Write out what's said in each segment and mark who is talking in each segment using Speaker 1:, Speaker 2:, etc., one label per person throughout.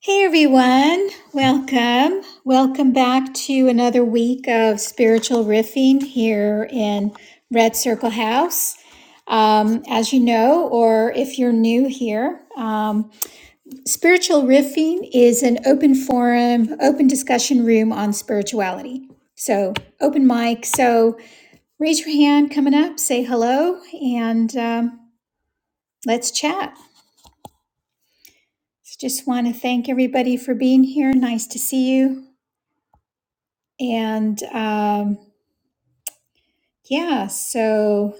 Speaker 1: Hey everyone, welcome. Welcome back to another week of spiritual riffing here in Red Circle House. Um, as you know, or if you're new here, um, spiritual riffing is an open forum, open discussion room on spirituality. So, open mic. So, raise your hand coming up, say hello, and um, let's chat. Just want to thank everybody for being here. Nice to see you. And um, yeah, so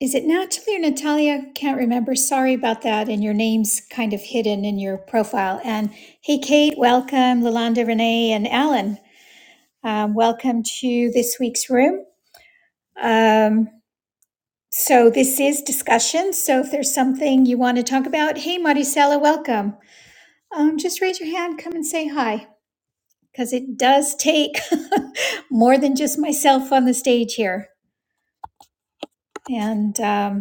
Speaker 1: is it Natalie or Natalia? Can't remember. Sorry about that. And your name's kind of hidden in your profile. And hey, Kate, welcome. Lalonda, Renee, and Alan, um, welcome to this week's room. Um, so this is discussion. So if there's something you want to talk about, hey, Maricela, welcome. Um, just raise your hand, come and say hi, because it does take more than just myself on the stage here. And um,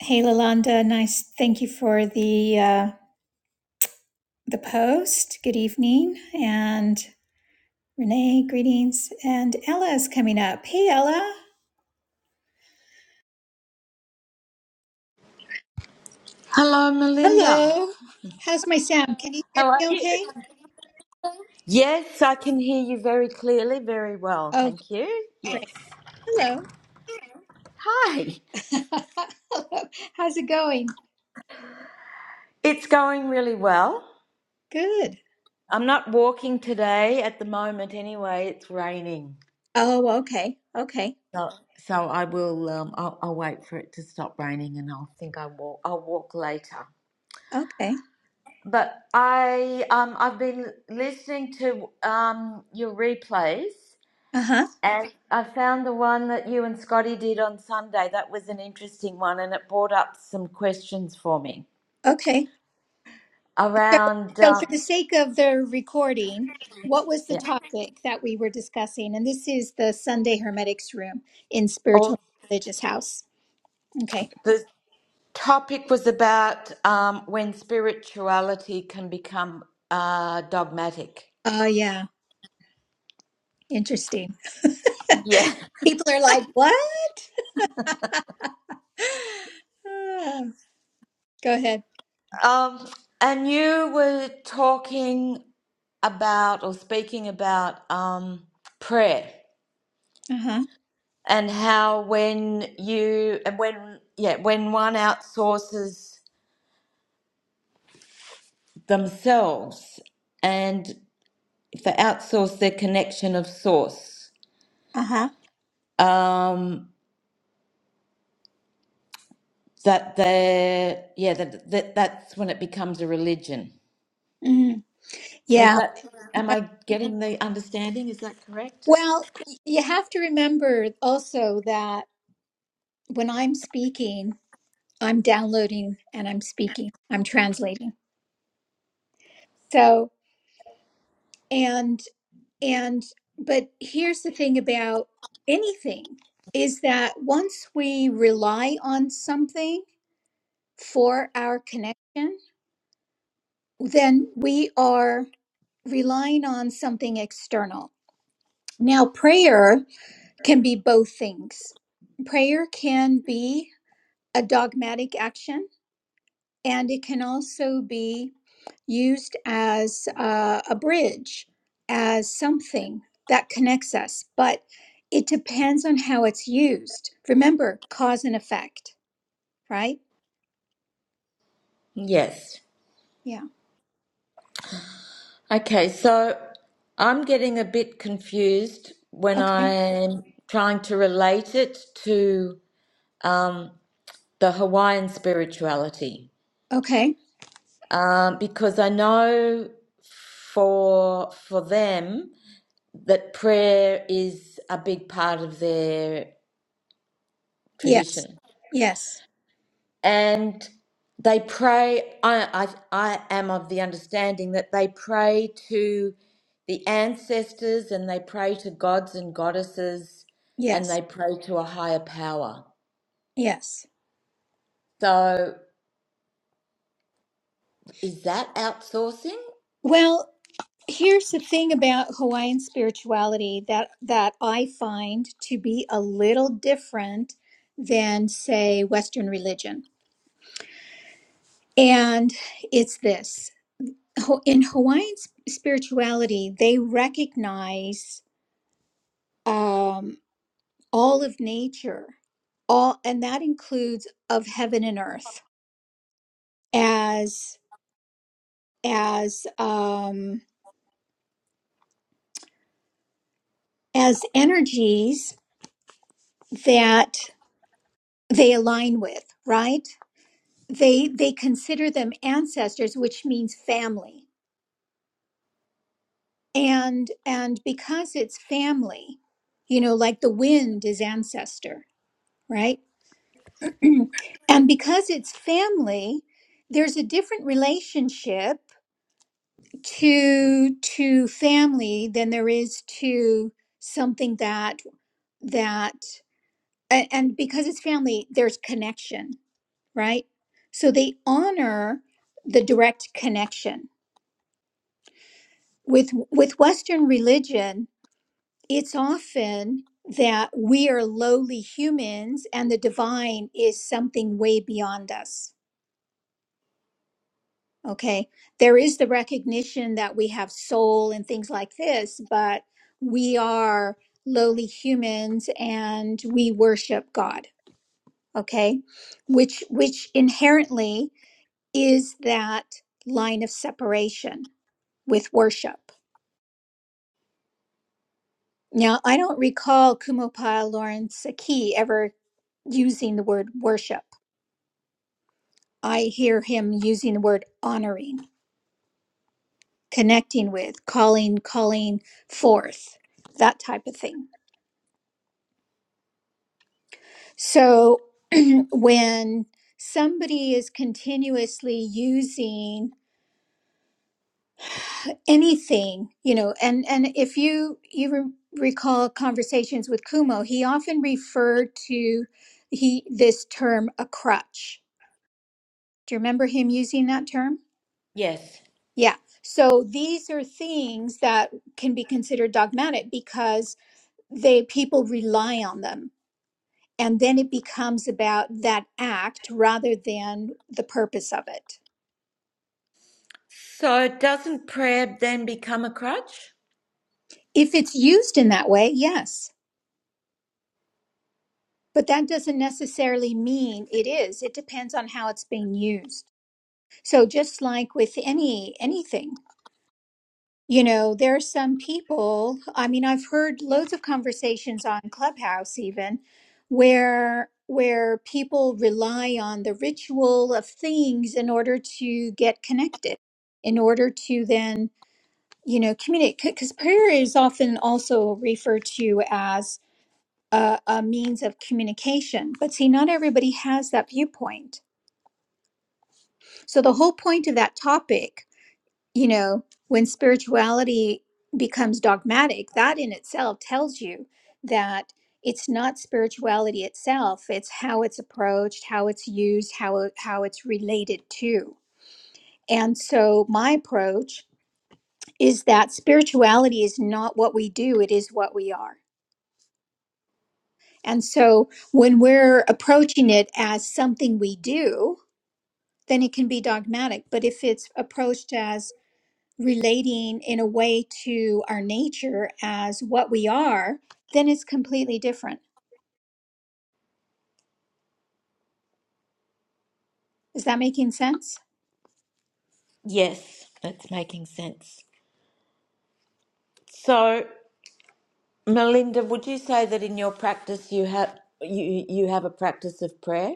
Speaker 1: Hey, Lalonda. Nice. Thank you for the uh, the post. Good evening, and Renee, greetings. And Ella is coming up. Hey, Ella.
Speaker 2: Hello, Melinda.
Speaker 1: Hello. How's my sound? Can you hear
Speaker 2: How are
Speaker 1: me?
Speaker 2: you?
Speaker 1: Okay.
Speaker 2: Yes, I can hear you very clearly, very well.
Speaker 1: Oh,
Speaker 2: Thank you. Yes.
Speaker 1: great. Hello.
Speaker 2: Hi.
Speaker 1: Hello. How's it going?
Speaker 2: It's going really well.
Speaker 1: Good.
Speaker 2: I'm not walking today at the moment anyway. It's raining.
Speaker 1: Oh, okay. Okay.
Speaker 2: So, so I will um, I'll, I'll wait for it to stop raining and I'll think I will I'll walk later.
Speaker 1: Okay.
Speaker 2: But I um I've been listening to um your replays
Speaker 1: Uh huh.
Speaker 2: And I found the one that you and Scotty did on Sunday. That was an interesting one, and it brought up some questions for me
Speaker 1: Okay. So,
Speaker 2: around.
Speaker 1: so
Speaker 2: Um,
Speaker 1: for the sake of the recording, what was the
Speaker 2: yeah,
Speaker 1: topic that we were discussing? And this is the Sunday Hermetics room in
Speaker 2: all,
Speaker 1: Spiritual Religious House. Okay.
Speaker 2: the topic was about um, when spirituality can become uh, dogmatic.
Speaker 1: Oh, yeah. Interesting.
Speaker 2: Yeah.
Speaker 1: People are like, what? Ah, Go ahead.
Speaker 2: Um, and you were talking about or speaking about um, prayer
Speaker 1: Uh huh.
Speaker 2: and how when you and when yeah when one outsources themselves and for outsource their connection of source
Speaker 1: Uh huh.
Speaker 2: um that they yeah that, that that's when it becomes a religion
Speaker 1: Mm.
Speaker 2: is
Speaker 1: Yeah.
Speaker 2: that am i getting the understanding is that correct
Speaker 1: Well, y- you have to remember also that when I'm speaking, I'm downloading and I'm speaking, I'm translating. So, and. And but here's the thing about anything is that once we rely on something for our connection, then we are relying on something external. Now, prayer can be both things. Prayer can be a dogmatic action, and it can also be used as uh, a bridge, as something that connects us, but it depends on how it's used. Remember, cause and effect, right?
Speaker 2: yes
Speaker 1: Yeah.
Speaker 2: okay so i'm getting a bit confused when
Speaker 1: Okay.
Speaker 2: i'm trying to relate it to um the hawaiian spirituality
Speaker 1: Okay.
Speaker 2: um, because I know for for them that prayer is a big part of their
Speaker 1: Yes.
Speaker 2: tradition,
Speaker 1: Yes.
Speaker 2: and they pray. I I, I am of the understanding that they pray to the ancestors and they pray to gods and goddesses and
Speaker 1: Yes.
Speaker 2: they pray to a higher power.
Speaker 1: Yes.
Speaker 2: So is that outsourcing?
Speaker 1: Well, here's the thing about Hawaiian spirituality that that I find to be a little different than say Western religion. And it's this. Ho- in Hawaiian sp- spirituality, they recognize um, all of nature, all, and that includes of heaven and earth as as um, as energies that they align with. Right? They they consider them ancestors, which means family, and and because it's family, you know, like the wind is ancestor, right? and because it's family, there's a different relationship to to family than there is to something that that a- and because it's family, there's connection, right? So they honor the direct connection. With with Western religion, it's often that we are lowly humans and the divine is something way beyond us Okay. There is the recognition that we have soul and things like this, but we are lowly humans and we worship God. Okay. Which, which inherently is that line of separation with worship. Now, I don't recall Kumopai Lawrence Aki ever using the word worship. I hear him using the word honoring, connecting with, calling, calling forth, that type of thing So when somebody is continuously using anything, you know, and and if you you re- recall conversations with Kumo, he often referred to he this term a crutch. Do you remember him using that term?
Speaker 2: Yes.
Speaker 1: Yeah. So these are things that can be considered dogmatic because they people rely on them. And then it becomes about that act rather than the purpose of it.
Speaker 2: So doesn't prayer then become a crutch?
Speaker 1: If it's used in that way, yes. But that doesn't necessarily mean it is. It depends on how it's being used. So just like with any anything, you know, there are some people, I mean, I've heard loads of conversations on Clubhouse even where where people rely on the ritual of things in order to get connected, in order to then, you know, communicate because prayer is often also referred to as a, a means of communication. But see, not everybody has that viewpoint. So, the whole point of that topic, you know, when spirituality becomes dogmatic, that in itself tells you that it's not spirituality itself, it's how it's approached, how it's used, how, it- how it's related to. And so, my approach is that spirituality is not what we do, it is what we are. And so, when we're approaching it as something we do, then it can be dogmatic. But if it's approached as relating in a way to our nature as what we are, then it's completely different. Is that making sense?
Speaker 2: Yes, that's making sense. So, Melinda, would you say that in your practice you have you you have a practice of prayer?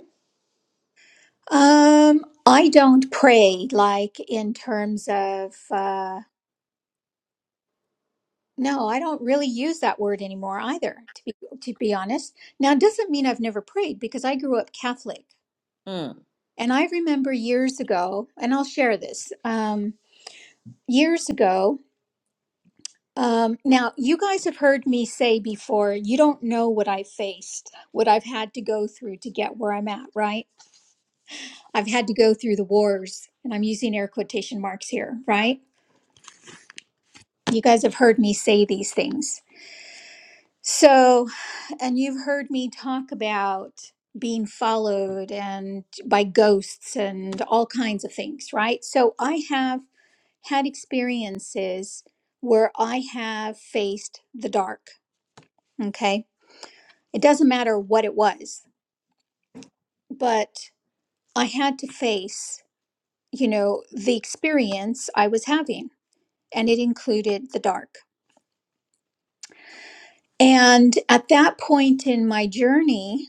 Speaker 1: Um, I don't pray like in terms of uh, no, I don't really use that word anymore either. To be to be honest, now it doesn't mean I've never prayed because I grew up Catholic,
Speaker 2: Mm.
Speaker 1: and I remember years ago, and I'll share this. Um, years ago, Um, now, you guys have heard me say before, you don't know what I faced, what I've had to go through to get where I'm at, right? I've had to go through the wars, and I'm using air quotation marks here, right? You guys have heard me say these things. So, and you've heard me talk about being followed and by ghosts and all kinds of things, right? So, I have had experiences where I have faced the dark, okay? it doesn't matter what it was but i had to face you know the experience i was having and it included the dark and at that point in my journey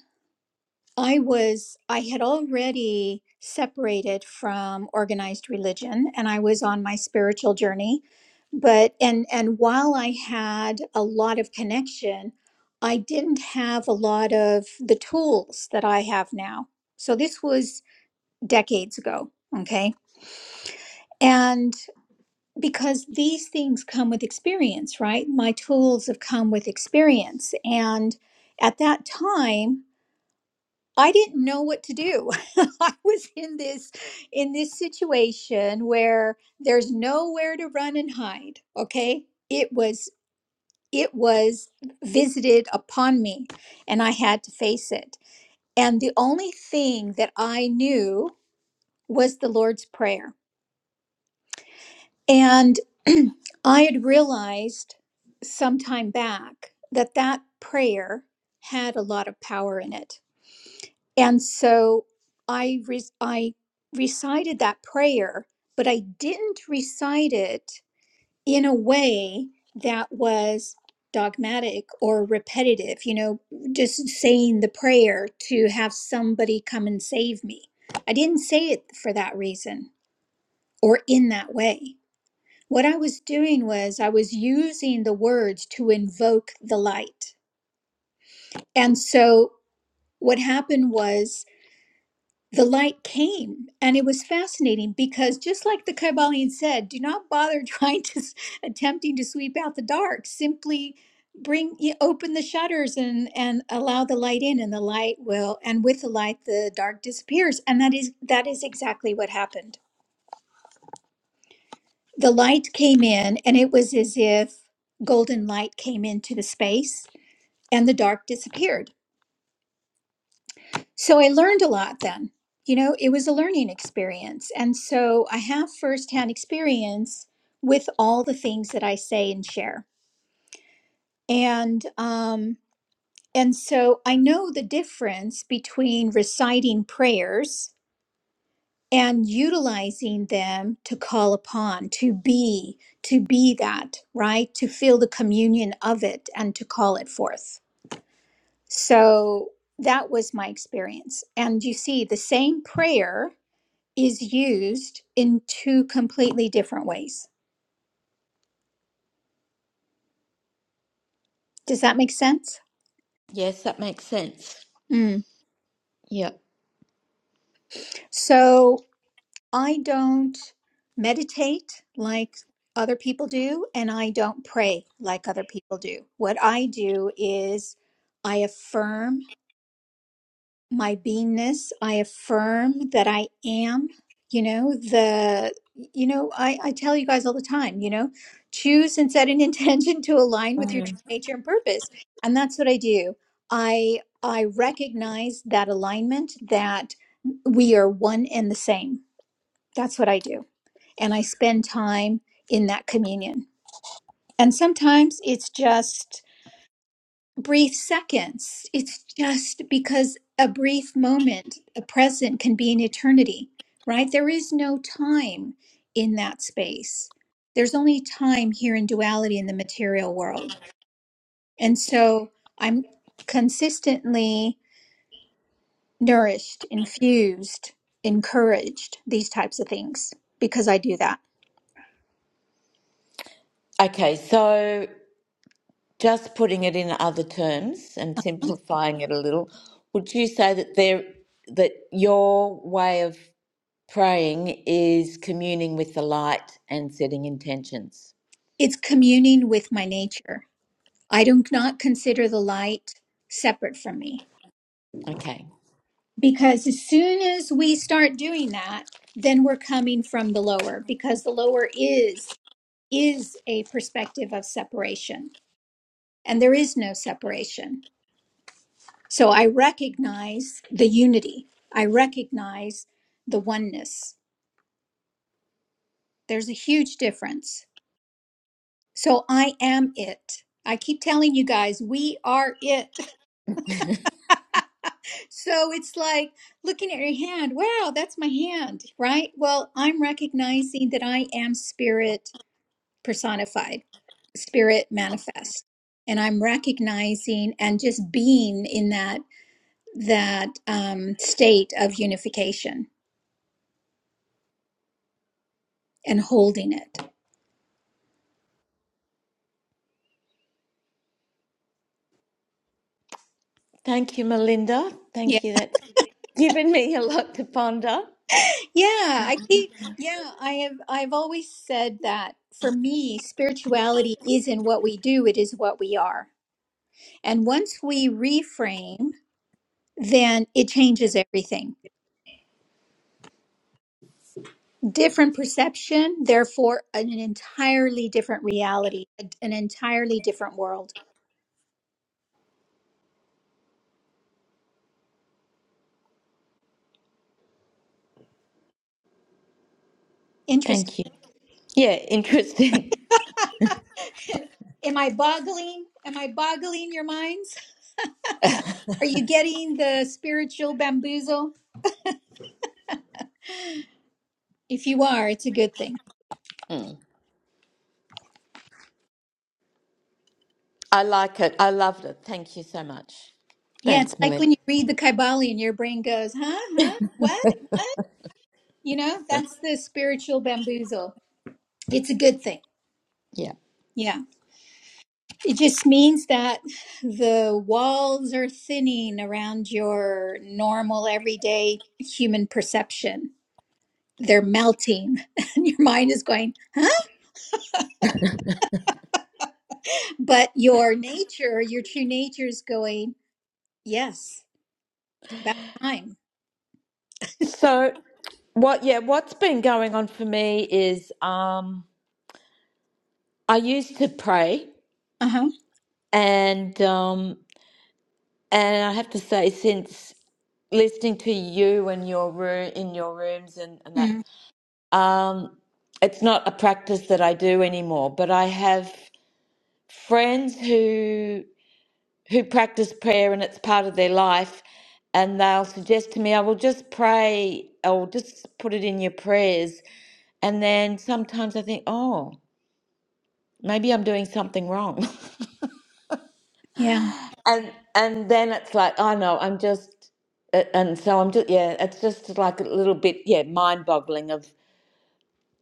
Speaker 1: i was i had already separated from organized religion and i was on my spiritual journey but and and while i had a lot of connection i didn't have a lot of the tools that i have now so this was decades ago. Okay. And because these things come with experience, right? My tools have come with experience. And at that time, I didn't know what to do. I was in this in this situation where there's nowhere to run and hide, okay? It was it was visited upon me and I had to face it. And the only thing that I knew was the Lord's prayer And I had realized some time back that that prayer had a lot of power in it. And so I re- I recited that prayer, but I didn't recite it in a way that was dogmatic or repetitive, you know, just saying the prayer to have somebody come and save me. I didn't say it for that reason or in that way. What I was doing was I was using the words to invoke the light. And so what happened was the light came and it was fascinating because just like the Kybalion said, do not bother trying to s- attempting to sweep out the dark. Simply bring y- open the shutters and and allow the light in and the light will and with the light the dark disappears and that is that is exactly what happened. the light came in and it was as if golden light came into the space and the dark disappeared so i learned a lot then you know it was a learning experience and so i have firsthand experience with all the things that i say and share and um and so i know the difference between reciting prayers and utilizing them to call upon to be to be that right to feel the communion of it and to call it forth so that was my experience and you see the same prayer is used in two completely different ways does that make sense
Speaker 2: Yes, that makes sense.
Speaker 1: Mm.
Speaker 2: Yep.
Speaker 1: So I don't meditate like other people do, and I don't pray like other people do. What I do is I affirm my beingness. I affirm that I am, you know, the, you know, I, I tell you guys all the time, you know, choose and set an intention to align with your
Speaker 2: Mm.
Speaker 1: true nature and purpose. And that's what I do. I, I recognize that alignment that we are one and the same. That's what I do and I spend time in that communion. And sometimes it's just brief seconds, it's just because a brief moment, a present can be an eternity, right? There is no time in that space. There's only time here in duality in the material world. And so I'm consistently nourished, infused, encouraged, these types of things because I do that.
Speaker 2: Okay, so just putting it in other terms and simplifying it a little, would you say that there that your way of praying is communing with the light and setting intentions?
Speaker 1: It's communing with my nature I do not consider the light separate from me
Speaker 2: Okay.
Speaker 1: because as soon as we start doing that, then we're coming from the lower because the lower is is a perspective of separation and there is no separation. So I recognize the unity. I recognize the oneness. There's a huge difference. So I am it. I keep telling you guys, we are it. So it's like looking at your hand, wow, that's my hand, right? Well, I'm recognizing that I am spirit personified, spirit manifest. And I'm recognizing and just being in that that um, state of unification and holding it.
Speaker 2: Thank you, Melinda.
Speaker 1: Yeah.
Speaker 2: Thank you. That's given me a lot to ponder.
Speaker 1: Yeah, I keep yeah, I have I've always said that for me, spirituality isn't what we do, it is what we are. And once we reframe then it changes everything. Different perception, therefore, an entirely different reality, an entirely different world. Interesting.
Speaker 2: Thank you. Yeah, interesting.
Speaker 1: Am I boggling? Am I boggling your minds? Are you getting the spiritual bamboozle? If you are, it's a good thing.
Speaker 2: I like it. I loved it. Thank you so much.
Speaker 1: Yeah, it's
Speaker 2: Thanks,
Speaker 1: like
Speaker 2: Melinda.
Speaker 1: when you read the Kybali and your brain goes, huh, huh, what, what? You know, that's the spiritual bamboozle. It's a good thing.
Speaker 2: Yeah.
Speaker 1: Yeah. It just means that the walls are thinning around your normal, everyday human perception. They're melting, and your mind is going, but your nature, your true nature is going, yes, about time.
Speaker 2: So, what? Yeah, what's been going on for me is um, I used to pray,
Speaker 1: Uh huh.
Speaker 2: and um, and I have to say, since listening to you and your room in your rooms and and that,
Speaker 1: Mm,
Speaker 2: um, it's not a practice that I do anymore. But I have. friends who who practice prayer and it's part of their life and they'll suggest to me i will just pray I will just put it in your prayers and then sometimes i think oh maybe i'm doing something wrong
Speaker 1: yeah.
Speaker 2: and and then it's like oh no i'm just a- and so i'm just yeah it's just like a little bit yeah mind boggling of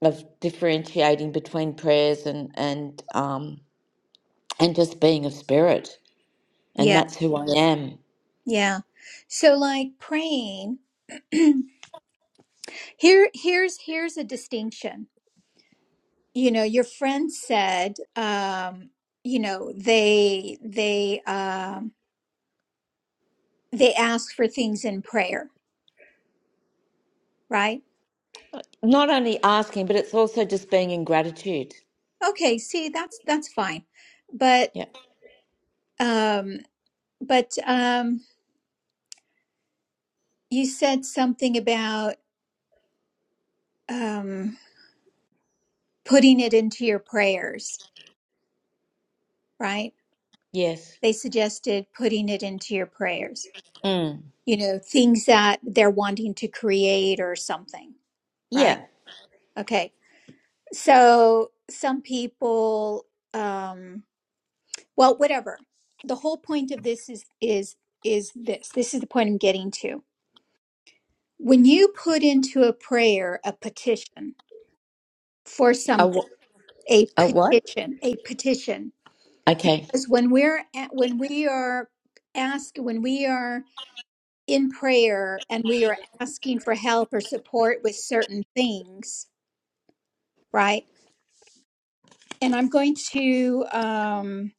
Speaker 2: of differentiating between prayers and and um and just being of spirit and
Speaker 1: Yeah.
Speaker 2: that's who i am
Speaker 1: Yeah. So, like praying, here, here's here's a distinction. You know, your friend said, um, you know, they they um, they ask for things in prayer right
Speaker 2: Not only asking, but it's also just being in gratitude.
Speaker 1: okay see that's that's fine but
Speaker 2: Yeah.
Speaker 1: um but um you said something about um putting it into your prayers right
Speaker 2: Yes.
Speaker 1: they suggested putting it into your prayers
Speaker 2: Mm.
Speaker 1: you know things that they're wanting to create or something right
Speaker 2: Yeah.
Speaker 1: okay so some people um well whatever the whole point of this is is is this this is the point i'm getting to When you put into a prayer a petition for
Speaker 2: A,
Speaker 1: something,
Speaker 2: wh-
Speaker 1: a
Speaker 2: a what?
Speaker 1: petition, a petition,
Speaker 2: Okay.
Speaker 1: because when we're at, when we are ask when we are in prayer and we are asking for help or support with certain things, right? And I'm going to um,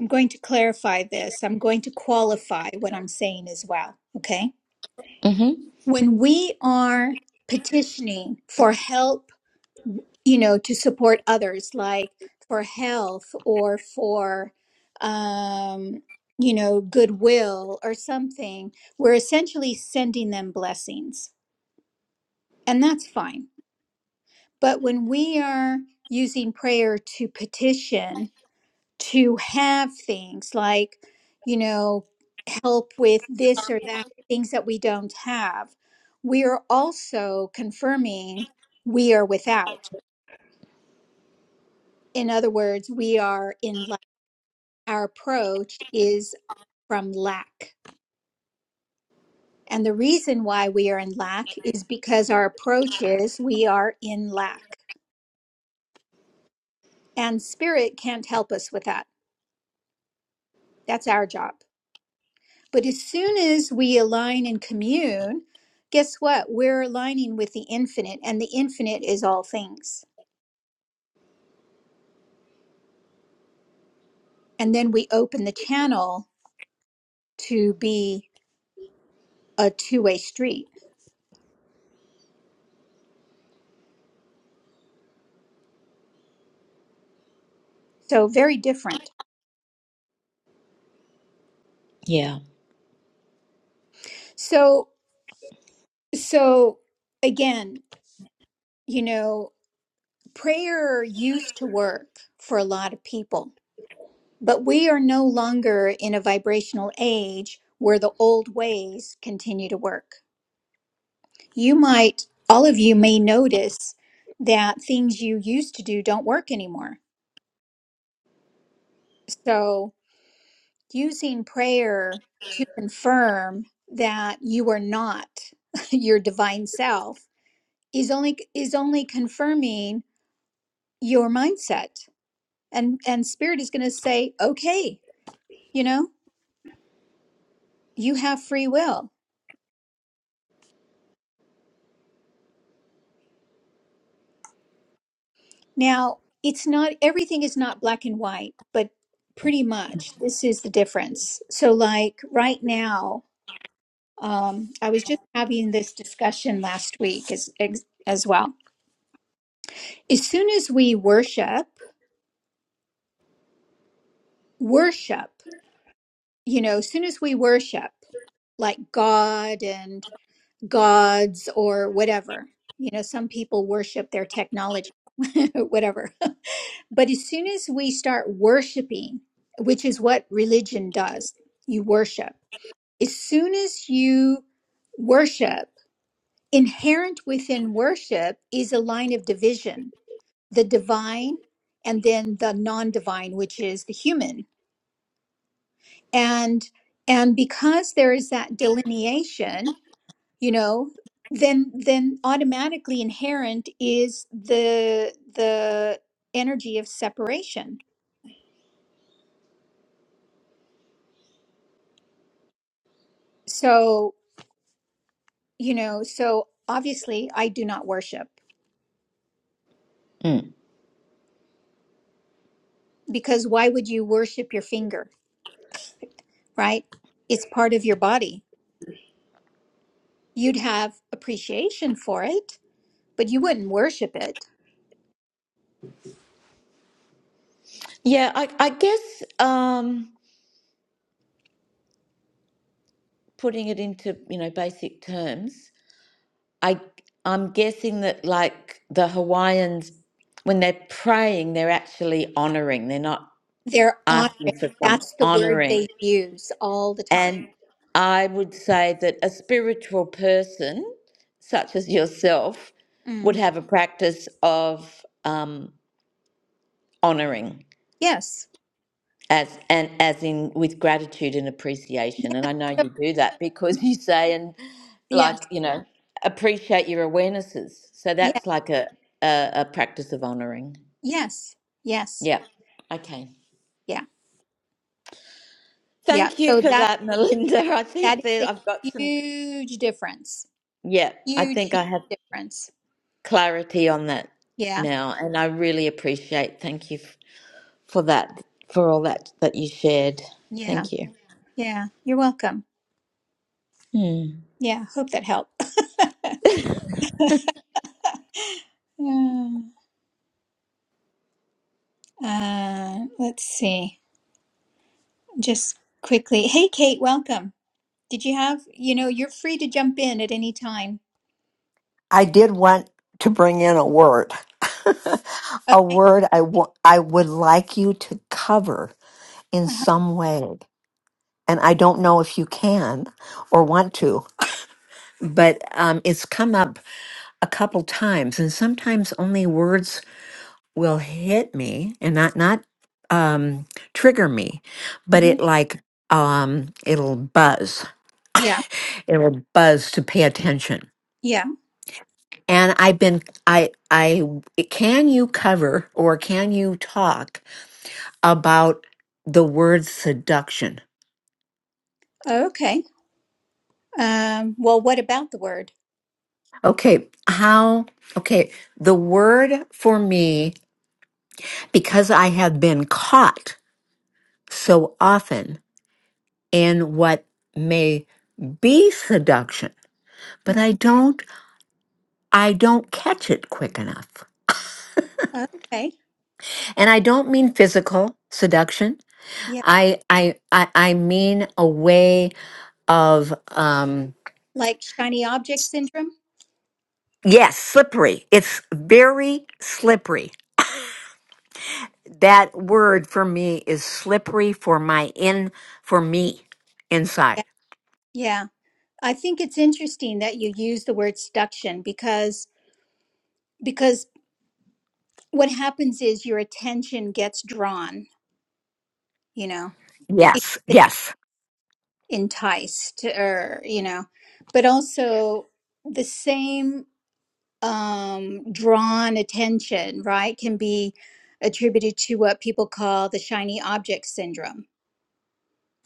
Speaker 1: I'm going to clarify this. I'm going to qualify what I'm saying as well. Okay,
Speaker 2: Mm-hmm.
Speaker 1: when we are petitioning for help you know, to support others, like for health or for, um, you know, goodwill or something, we're essentially sending them blessings. And that's fine. But when we are using prayer to petition, to have things like, you know, help with this or that, things that we don't have, we are also confirming we are without. In other words, we are in. our approach is from lack. And the reason why we are in lack is because our approach is we are in lack. And spirit can't help us with that. That's our job. But as soon as we align and commune, guess what? We're aligning with the infinite, and the infinite is all things. And then we open the channel to be a two way street. So, very different.
Speaker 2: Yeah.
Speaker 1: So, so again, you know, prayer used to work for a lot of people, but we are no longer in a vibrational age where the old ways continue to work. You might, all of you may notice that things you used to do don't work anymore. So, using prayer to confirm that you are not your divine self is only is only confirming your mindset and and spirit is going to say okay you know you have free will. Now, it's not everything is not black and white, but pretty much this is the difference. So, like right now, um, I was just having this discussion last week as, as as well. As soon as we worship, worship, you know, as soon as we worship, like God and gods or whatever, you know, some people worship their technology, whatever But as soon as we start worshiping, which is what religion does, you worship. As soon as you worship, inherent within worship is a line of division the divine and then the non-divine which is the human and and because there is that delineation you know then then automatically inherent is the the energy of separation so you know so obviously i do not worship
Speaker 2: Mm.
Speaker 1: because why would you worship your finger right it's part of your body you'd have appreciation for it but you wouldn't worship it
Speaker 2: Yeah. I, I guess um, putting it into you know basic terms, I I'm guessing that like the Hawaiians, when they're praying, they're actually honoring. They're not
Speaker 1: they're honoring
Speaker 2: asking for some
Speaker 1: that's the word
Speaker 2: honoring.
Speaker 1: they use all the time
Speaker 2: And I would say that a spiritual person, such as yourself, would
Speaker 1: Mm.
Speaker 2: have a practice of um, honoring
Speaker 1: yes
Speaker 2: as and as in with gratitude and appreciation. And I know
Speaker 1: So-
Speaker 2: you do that because
Speaker 1: y-
Speaker 2: you say and
Speaker 1: yes
Speaker 2: like you know appreciate your awarenesses. So
Speaker 1: yeah
Speaker 2: that's like a a, a practice of honoring.
Speaker 1: yes yes
Speaker 2: Yeah. Okay.
Speaker 1: yeah yeah
Speaker 2: Thank you
Speaker 1: so
Speaker 2: for
Speaker 1: that
Speaker 2: that, Melinda.
Speaker 1: yeah
Speaker 2: I
Speaker 1: that
Speaker 2: think that
Speaker 1: is
Speaker 2: I've got
Speaker 1: a
Speaker 2: some.
Speaker 1: huge difference
Speaker 2: Yeah, I
Speaker 1: huge
Speaker 2: think
Speaker 1: huge
Speaker 2: I have.
Speaker 1: difference
Speaker 2: clarity on that
Speaker 1: yeah
Speaker 2: now, and I really appreciate. Thank you f- for that, for all that that you shared.
Speaker 1: yeah
Speaker 2: Thank you.
Speaker 1: yeah you're welcome
Speaker 2: Hmm.
Speaker 1: Yeah, hope that helped. Yeah. uh, let's see. Just quickly. Hey, Kate, welcome. Did you have, you know, you're free to jump in at any time.
Speaker 3: I did want to bring in a word, a
Speaker 1: Okay.
Speaker 3: word I wa- I would like you to cover in
Speaker 1: Uh-huh.
Speaker 3: some way. And I don't know if you can or want to, but um, it's come up a couple times. And sometimes only words will hit me and not, not um, trigger me, but
Speaker 1: Mhm.
Speaker 3: it like, um, it'll buzz.
Speaker 1: Yeah.
Speaker 3: It'll buzz to pay attention.
Speaker 1: Yeah.
Speaker 3: and I've been I I can you cover or can you talk about the word seduction?
Speaker 1: Okay. Um, well, what about the word?
Speaker 3: Okay, how okay, the word for me because I have been caught so often in what may be seduction, but I
Speaker 1: Mhm.
Speaker 3: don't I don't catch it quick enough.
Speaker 1: Okay.
Speaker 3: And I don't mean physical seduction.
Speaker 1: Yeah.
Speaker 3: I I I, I mean a way of um
Speaker 1: Like shiny object syndrome?
Speaker 3: Yes, slippery. It's very slippery. That word for me is slippery for my in for me
Speaker 1: Yeah.
Speaker 3: inside.
Speaker 1: Yeah. I think it's interesting that you use the word seduction because because what happens is your attention gets drawn, you know.
Speaker 3: Yes, yes,
Speaker 1: enticed or you know but also the same um drawn attention right can be attributed to what people call the shiny object syndrome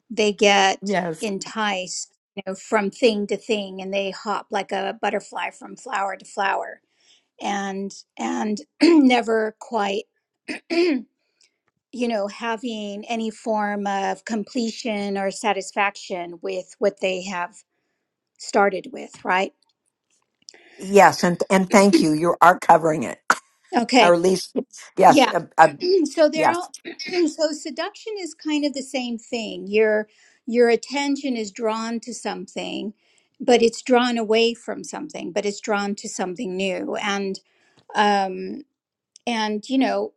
Speaker 1: they get
Speaker 3: Yes.
Speaker 1: enticed you know from thing to thing and they hop like a butterfly from flower to flower and and never quite you know having any form of completion or satisfaction with what they have started with right
Speaker 3: Yes, and and thank you. You are covering it, or
Speaker 1: Okay.
Speaker 3: at least yes,
Speaker 1: Yeah.
Speaker 3: uh, uh,
Speaker 1: so they're
Speaker 3: yes.
Speaker 1: all so seduction is kind of the same thing. Your your attention is drawn to something, but it's drawn away from something, but it's drawn to something new. And um and you know,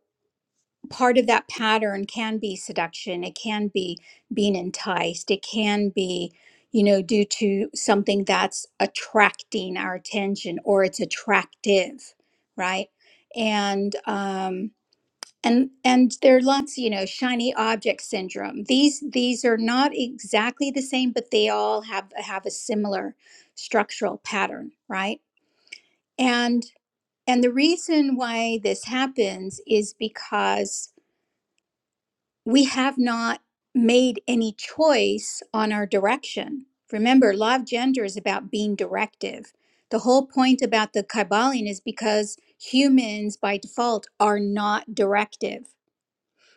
Speaker 1: part of that pattern can be seduction. It can be being enticed. It can be you know, due to something that's attracting our attention or it's attractive, right? And um and and there are lots you know shiny object syndrome these these are not exactly the same but they all have have a similar structural pattern right and and the reason why this happens is because we have not made any choice on our direction remember law of gender is about being directive the whole point about the kybalion is because humans by default are not directive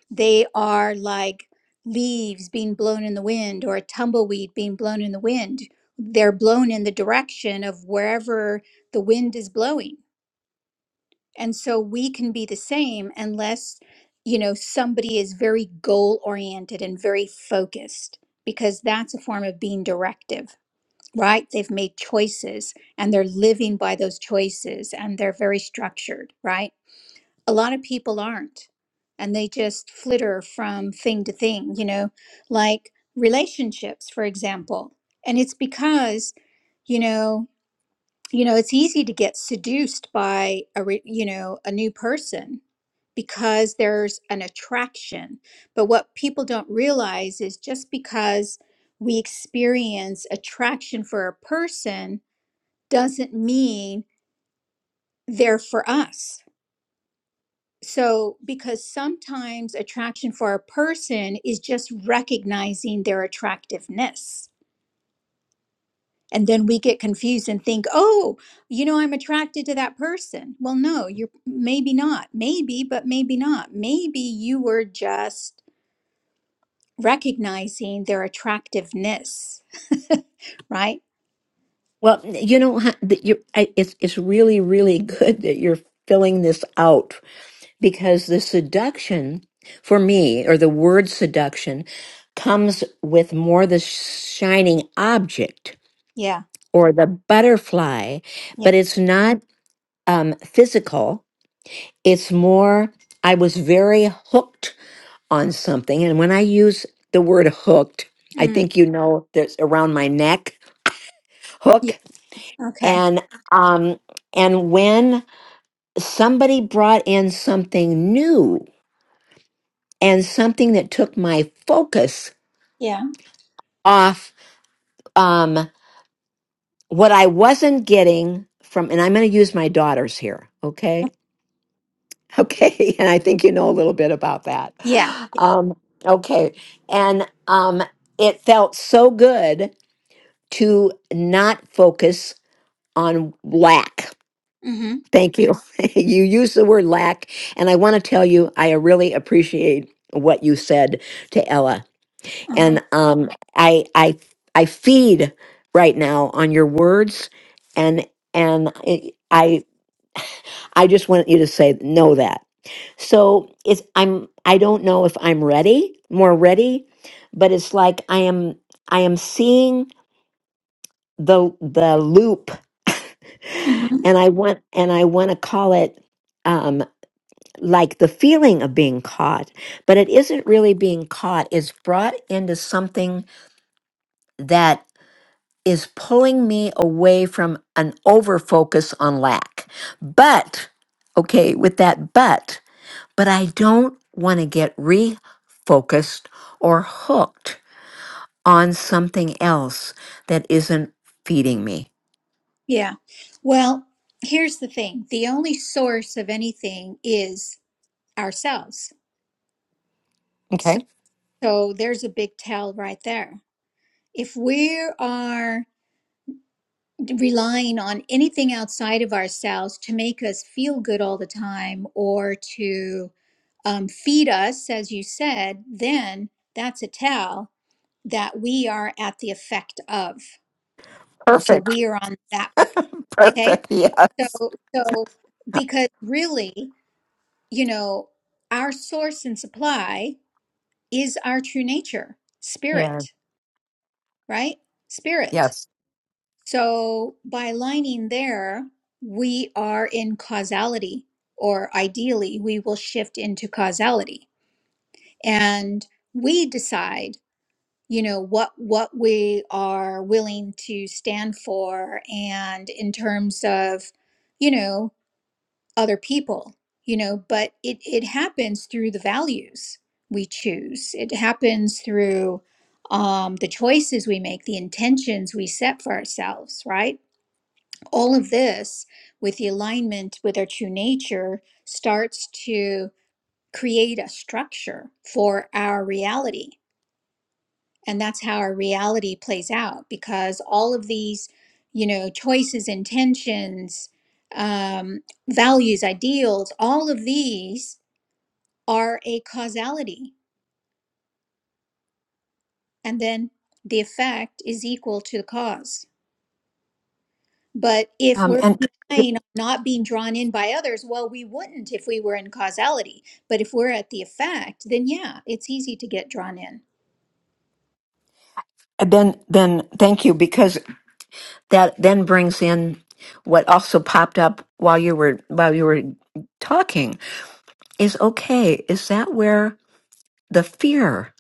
Speaker 1: they are like leaves being blown in the wind or a tumbleweed being blown in the wind. They're blown in the direction of wherever the wind is blowing. And so we can be the same unless, you know, somebody is very goal oriented and very focused, because that's a form of being directive, right? They've made choices and they're living by those choices and they're very structured, right? a lot of people aren't and they just flitter from thing to thing you know like relationships for example and it's because you know you know it's easy to get seduced by a re- you know a new person because there's an attraction but what people don't realize is just because we experience attraction for a person doesn't mean they're for us So, because sometimes attraction for a person is just recognizing their attractiveness. And then we get confused and think, oh, you know, I'm attracted to that person. Well, no, you're maybe not. Maybe, but maybe not. Maybe you were just recognizing their attractiveness, right?
Speaker 3: Well, you know, huh, that you I- it's it's really really good that you're filling this out because the seduction for me or the word seduction comes with more the shining object.
Speaker 1: Yeah.
Speaker 3: or the butterfly,
Speaker 1: Yeah.
Speaker 3: but it's not um, physical. It's more, I was very hooked on something. And when I use the word hooked, I
Speaker 1: Mm,
Speaker 3: think you know there's around my neck
Speaker 1: yeah.
Speaker 3: hook.
Speaker 1: Okay.
Speaker 3: And um, and when somebody brought in something new and something that took my focus
Speaker 1: Yeah.
Speaker 3: off um, what I wasn't getting from, and I'm going to use my daughters here, okay? Okay, and I think you know a little bit about that.
Speaker 1: Yeah.
Speaker 3: Um, okay, and um, it felt so good to not focus on lack.
Speaker 1: Mm-hmm.
Speaker 3: Thank you. you used the word lack, and I want to tell you, I really appreciate what you said to Ella.
Speaker 1: Uh-huh.
Speaker 3: And um, I, I, I feed right now on your words, and and I, I I just want you to say know that. So it's I'm I don't know if I'm ready, more ready, but it's like I am I am seeing the the loop
Speaker 1: Mm-hmm.
Speaker 3: and I want and I want to call it um like the feeling of being caught, but it isn't really being caught. It's brought into something that is pulling me away from an over focus on lack. But okay, with that but but I don't want to get refocused or hooked on something else that isn't feeding me.
Speaker 1: Yeah. Well, here's the thing the only source of anything is ourselves. So,
Speaker 3: Okay.
Speaker 1: so there's a big tell right there. If we are relying on anything outside of ourselves to make us feel good all the time or to um, feed us, as you said, then that's a tell that we are at the effect of. So
Speaker 3: Perfect.
Speaker 1: we are on that. Okay.
Speaker 3: Perfect. Yes.
Speaker 1: So, so because really, you know, our source and supply is our true nature,
Speaker 3: Yeah.
Speaker 1: spirit, right? Spirit.
Speaker 3: Yes.
Speaker 1: So by aligning there, we are in causality, or ideally, we will shift into causality. And we decide, you know, what what we are willing to stand for and in terms of, you know, other people you know but it it happens through the values we choose it happens through um, the choices we make the intentions we set for ourselves right all of this with the alignment with our true nature starts to create a structure for our reality and that's how our reality plays out because all of these you know choices intentions um, values ideals all of these are a causality and then the effect is equal to the cause but if
Speaker 3: Um,
Speaker 1: we're
Speaker 3: and
Speaker 1: relying on not being drawn in by others well we wouldn't if we were in causality but if we're at the effect then yeah it's easy to get drawn in
Speaker 3: then, then thank you because That then brings in what also popped up while you were while you were talking is okay, is that where the fear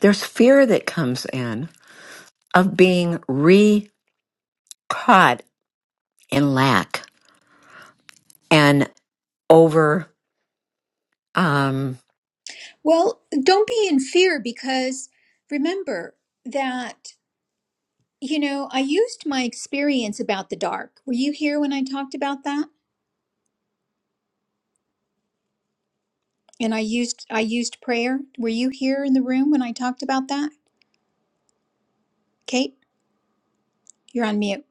Speaker 3: there's fear that comes in of being re caught in lack. and over um
Speaker 1: well don't be in fear because remember that You know, I used my experience about the dark. Were you here when I talked about that? And I used I used prayer. Were you here in the room when I talked about that? Kate, you're on mute.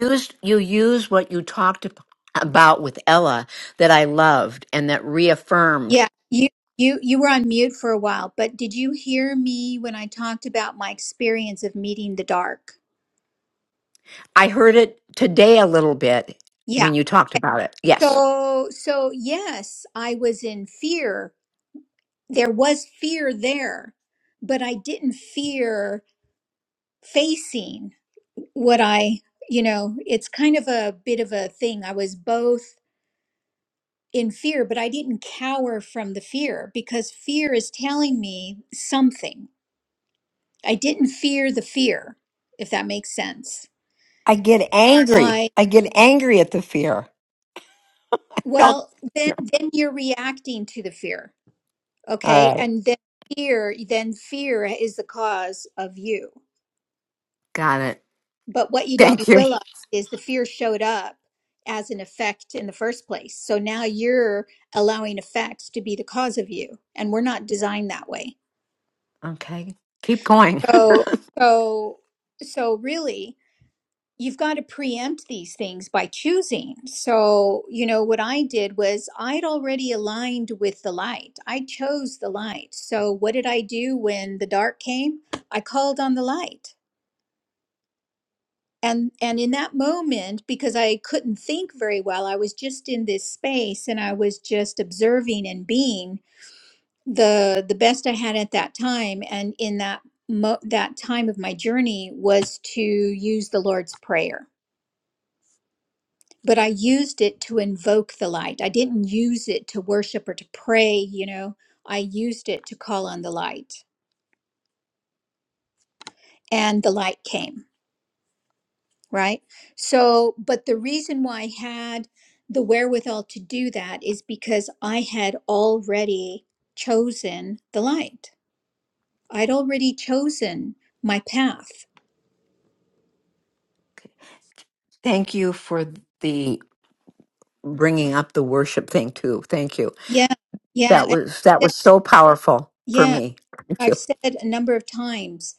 Speaker 3: used you use what you talked ab- about with Ella that I loved and that reaffirmed.
Speaker 1: Yeah, you you you were on mute for a while, but did you hear me when I talked about my experience of meeting the dark?
Speaker 3: I heard it today a little bit when
Speaker 1: Yeah.
Speaker 3: you talked about it. Yes.
Speaker 1: So so yes, I was in fear. There was fear there, but I didn't fear facing. what I, you know, it's kind of a bit of a thing. I was both in fear, but I didn't cower from the fear because fear is telling me something. I didn't fear the fear, if that makes sense.
Speaker 3: I get angry.
Speaker 1: I
Speaker 3: I get angry at the fear. Yep.
Speaker 1: well, then then you're reacting to the fear,
Speaker 3: All
Speaker 1: okay?
Speaker 3: right.
Speaker 1: And then fear, then fear is the cause of you.
Speaker 3: Got it.
Speaker 1: But what you don't
Speaker 3: Thank you.
Speaker 1: realize is the fear showed up as an effect in the first place. So now you're allowing effects to be the cause of you, and we're not designed that way.
Speaker 3: Okay. Keep going.
Speaker 1: So, so, so really, you've got to preempt these things by choosing. So, you know, what I did was I'd already aligned with the light. I chose the light. So, what did I do when the dark came? I called on the light. and and in that moment because i couldn't think very well i was just in this space and i was just observing and being the the best i had at that time and in that mo- that time of my journey was to use the lord's prayer but i used it to invoke the light i didn't use it to worship or to pray you know i used it to call on the light and the light came right? So, but the reason why I had the wherewithal to do that is because I had already chosen the light. I'd already chosen my path.
Speaker 3: Thank you for the bringing up the worship thing too. Thank you.
Speaker 1: Yeah, yeah,
Speaker 3: That
Speaker 1: and
Speaker 3: was that
Speaker 1: I said-
Speaker 3: was so powerful for
Speaker 1: yeah.
Speaker 3: me. Thank you.
Speaker 1: I've said a number of times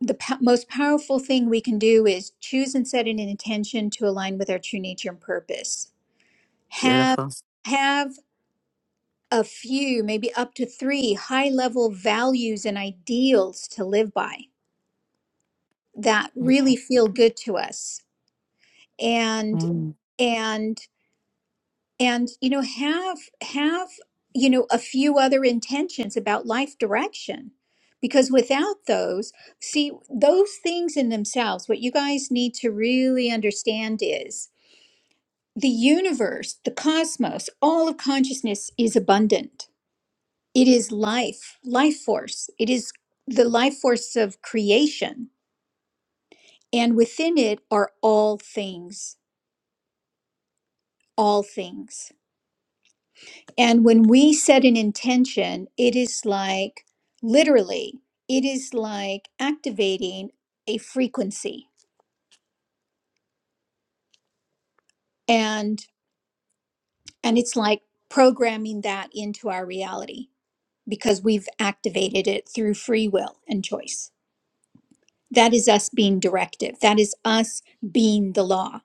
Speaker 1: the po- most powerful thing we can do is choose and set an intention to align with our true nature and purpose. Have
Speaker 3: Beautiful.
Speaker 1: have a few, maybe up to three high level values and ideals to live by that really feel good to us and
Speaker 3: Mm.
Speaker 1: and and you know have have you know a few other intentions about life direction because without those see those things in themselves what you guys need to really understand is the universe the cosmos all of consciousness is abundant it is life, life force. It is the life force of creation. And within it are all things, all things. And when we set an intention, it is like literally, it is like activating a frequency. And and it's like programming that into our reality because we've activated it through free will and choice. That is us being directive. That is us being the law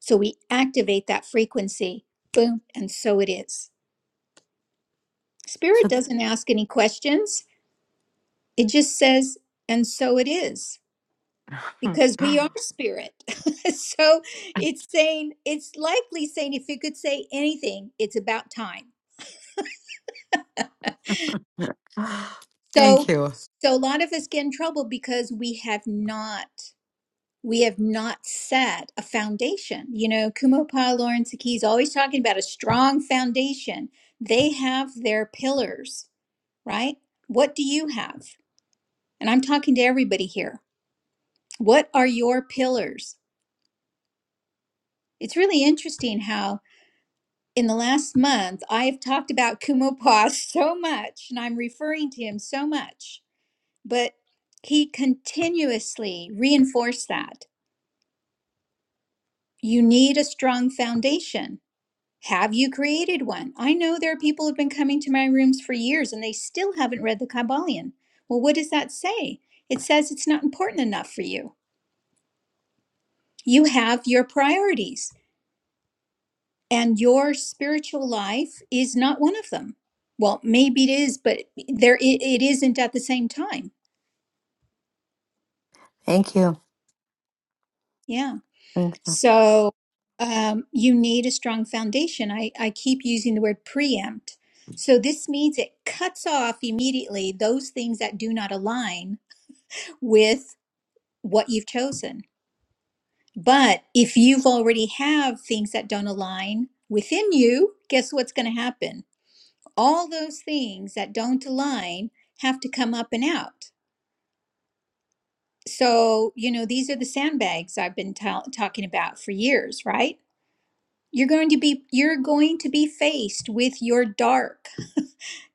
Speaker 1: So we activate that frequency, boom, and so it is. Spirit
Speaker 3: So
Speaker 1: doesn't ask any questions, it just says, and so it is,
Speaker 3: th-
Speaker 1: because we are spirit. so it's saying, it's likely saying, if it could say anything, it's about time.
Speaker 3: thank
Speaker 1: So,
Speaker 3: you.
Speaker 1: so a lot of us get in trouble because we have not. We have not set a foundation. You know, Kumo Lawrence Aki is always talking about a strong foundation. They have their pillars right? What do you have? And I'm talking to everybody here. What are your pillars? It's really interesting how in the last month I have talked about Kumopa so much and I'm referring to him so much, but he continuously reinforced that. You need a strong foundation. Have you created one? I know there are people who have been coming to my rooms for years and they still haven't read the Kabbalion. Well, what does that say? It says it's not important enough for you. You have your priorities, and your spiritual life is not one of them. Well, maybe it is, but there it, it isn't at the same time.
Speaker 3: Thank you.
Speaker 1: Yeah.
Speaker 3: Thank you.
Speaker 1: So um, you need a strong foundation. I, I keep using the word preempt. So this means it cuts off immediately those things that do not align with what you've chosen. But if you've already have things that don't align within you, guess what's going to happen? all those things that don't align have to come up and out. So, you know, these are the sandbags I've been tell talking about for years, right? You're going to be you're going to be faced with your dark.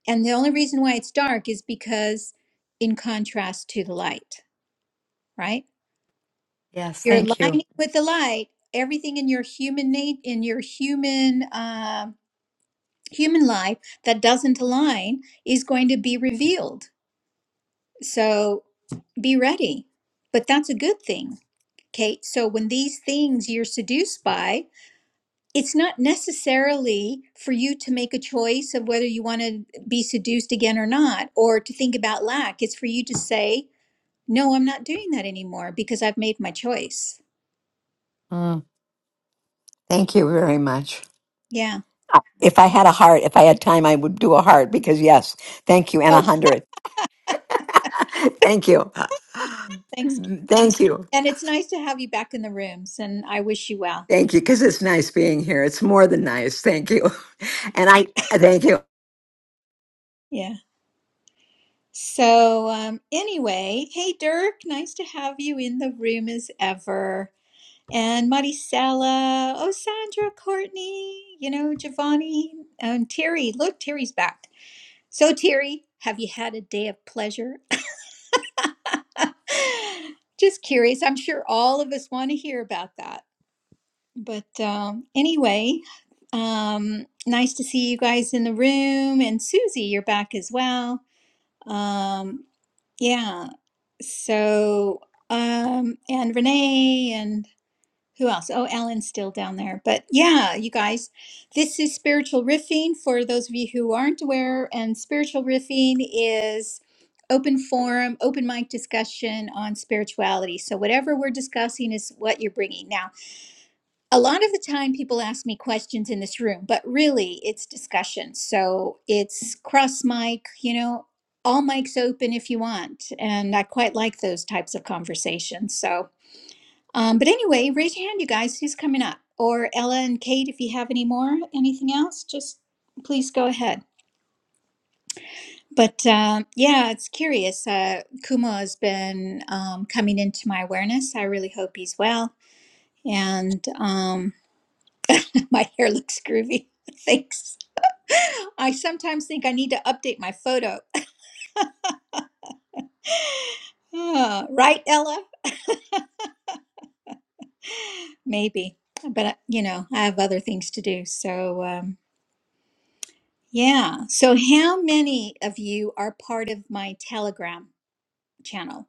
Speaker 1: And the only reason why it's dark is because in contrast to the light, right?
Speaker 3: Yes,
Speaker 1: You're
Speaker 3: thank you.
Speaker 1: aligning with the light, everything in your human nat- in your human um human life that doesn't align is going to be revealed So be ready. But that's a good thing. Okay. So when these things you're seduced by, it's not necessarily for you to make a choice of whether you want to be seduced again or not, or to think about lack. It's for you to say, no, I'm not doing that anymore because I've made my choice.
Speaker 3: Mm. Thank you very much.
Speaker 1: Yeah.
Speaker 3: If I had a heart, if I had time, I would do a heart because yes, thank you, and a
Speaker 1: Oh,
Speaker 3: hundred. Thank you.
Speaker 1: thanks. Kate.
Speaker 3: Thank you.
Speaker 1: And it's nice to have you back in the rooms, and I wish you well.
Speaker 3: Thank you. Because it's nice being here. It's more than nice. Thank you. And I thank you.
Speaker 1: Yeah. So, um, anyway, hey, Dirk, nice to have you in the room as ever. and Maricela, oh Sandra, Courtney, you know, Giovanni, and Terry. Look, Terry's back. So, Terry, have you had a day of pleasure? Just curious. I'm sure all of us want to hear about that. But um, anyway, um, nice to see you guys in the room. And Susie, you're back as well. Um, yeah. So, um, and Renee and Who else? Oh, Alan's still down there. But yeah, you guys, this is spiritual riffing for those of you who aren't aware. And spiritual riffing is open forum, open mic discussion on spirituality. So whatever we're discussing is what you're bringing. Now, a lot of the time people ask me questions in this room, but really it's discussion. So it's cross mic, you know, all mics open if you want. And I quite like those types of conversations. So um, but anyway, raise your hand, you guys, who's coming up? Or Ella and Kate, if you have any more, anything else, just please go ahead. But um, yeah, it's curious. Uh, Kumo has been um, coming into my awareness. I really hope he's well. And um, my hair looks groovy. Thanks. I sometimes think I need to update my photo. Ah, right, Ella? Maybe. But, uh, you know, I have other things to do. So. um, Yeah. So, how many of you are part of my Telegram channel?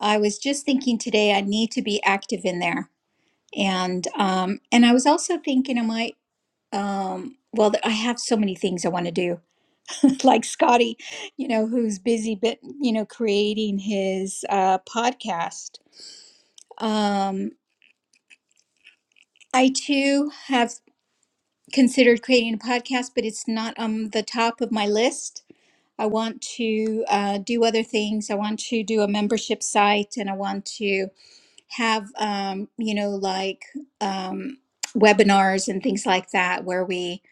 Speaker 1: I was just thinking today I need to be active in there, and um, and I was also thinking I might. Um, well, I have so many things I want to do, like Scotty, you know, who's busy, but you know, creating his uh, podcast. Um, I too have considered creating a podcast, but it's not on the top of my list. I want to uh, do other things. I want to do a membership site and I want to have, um, you know, like um, webinars and things like that where we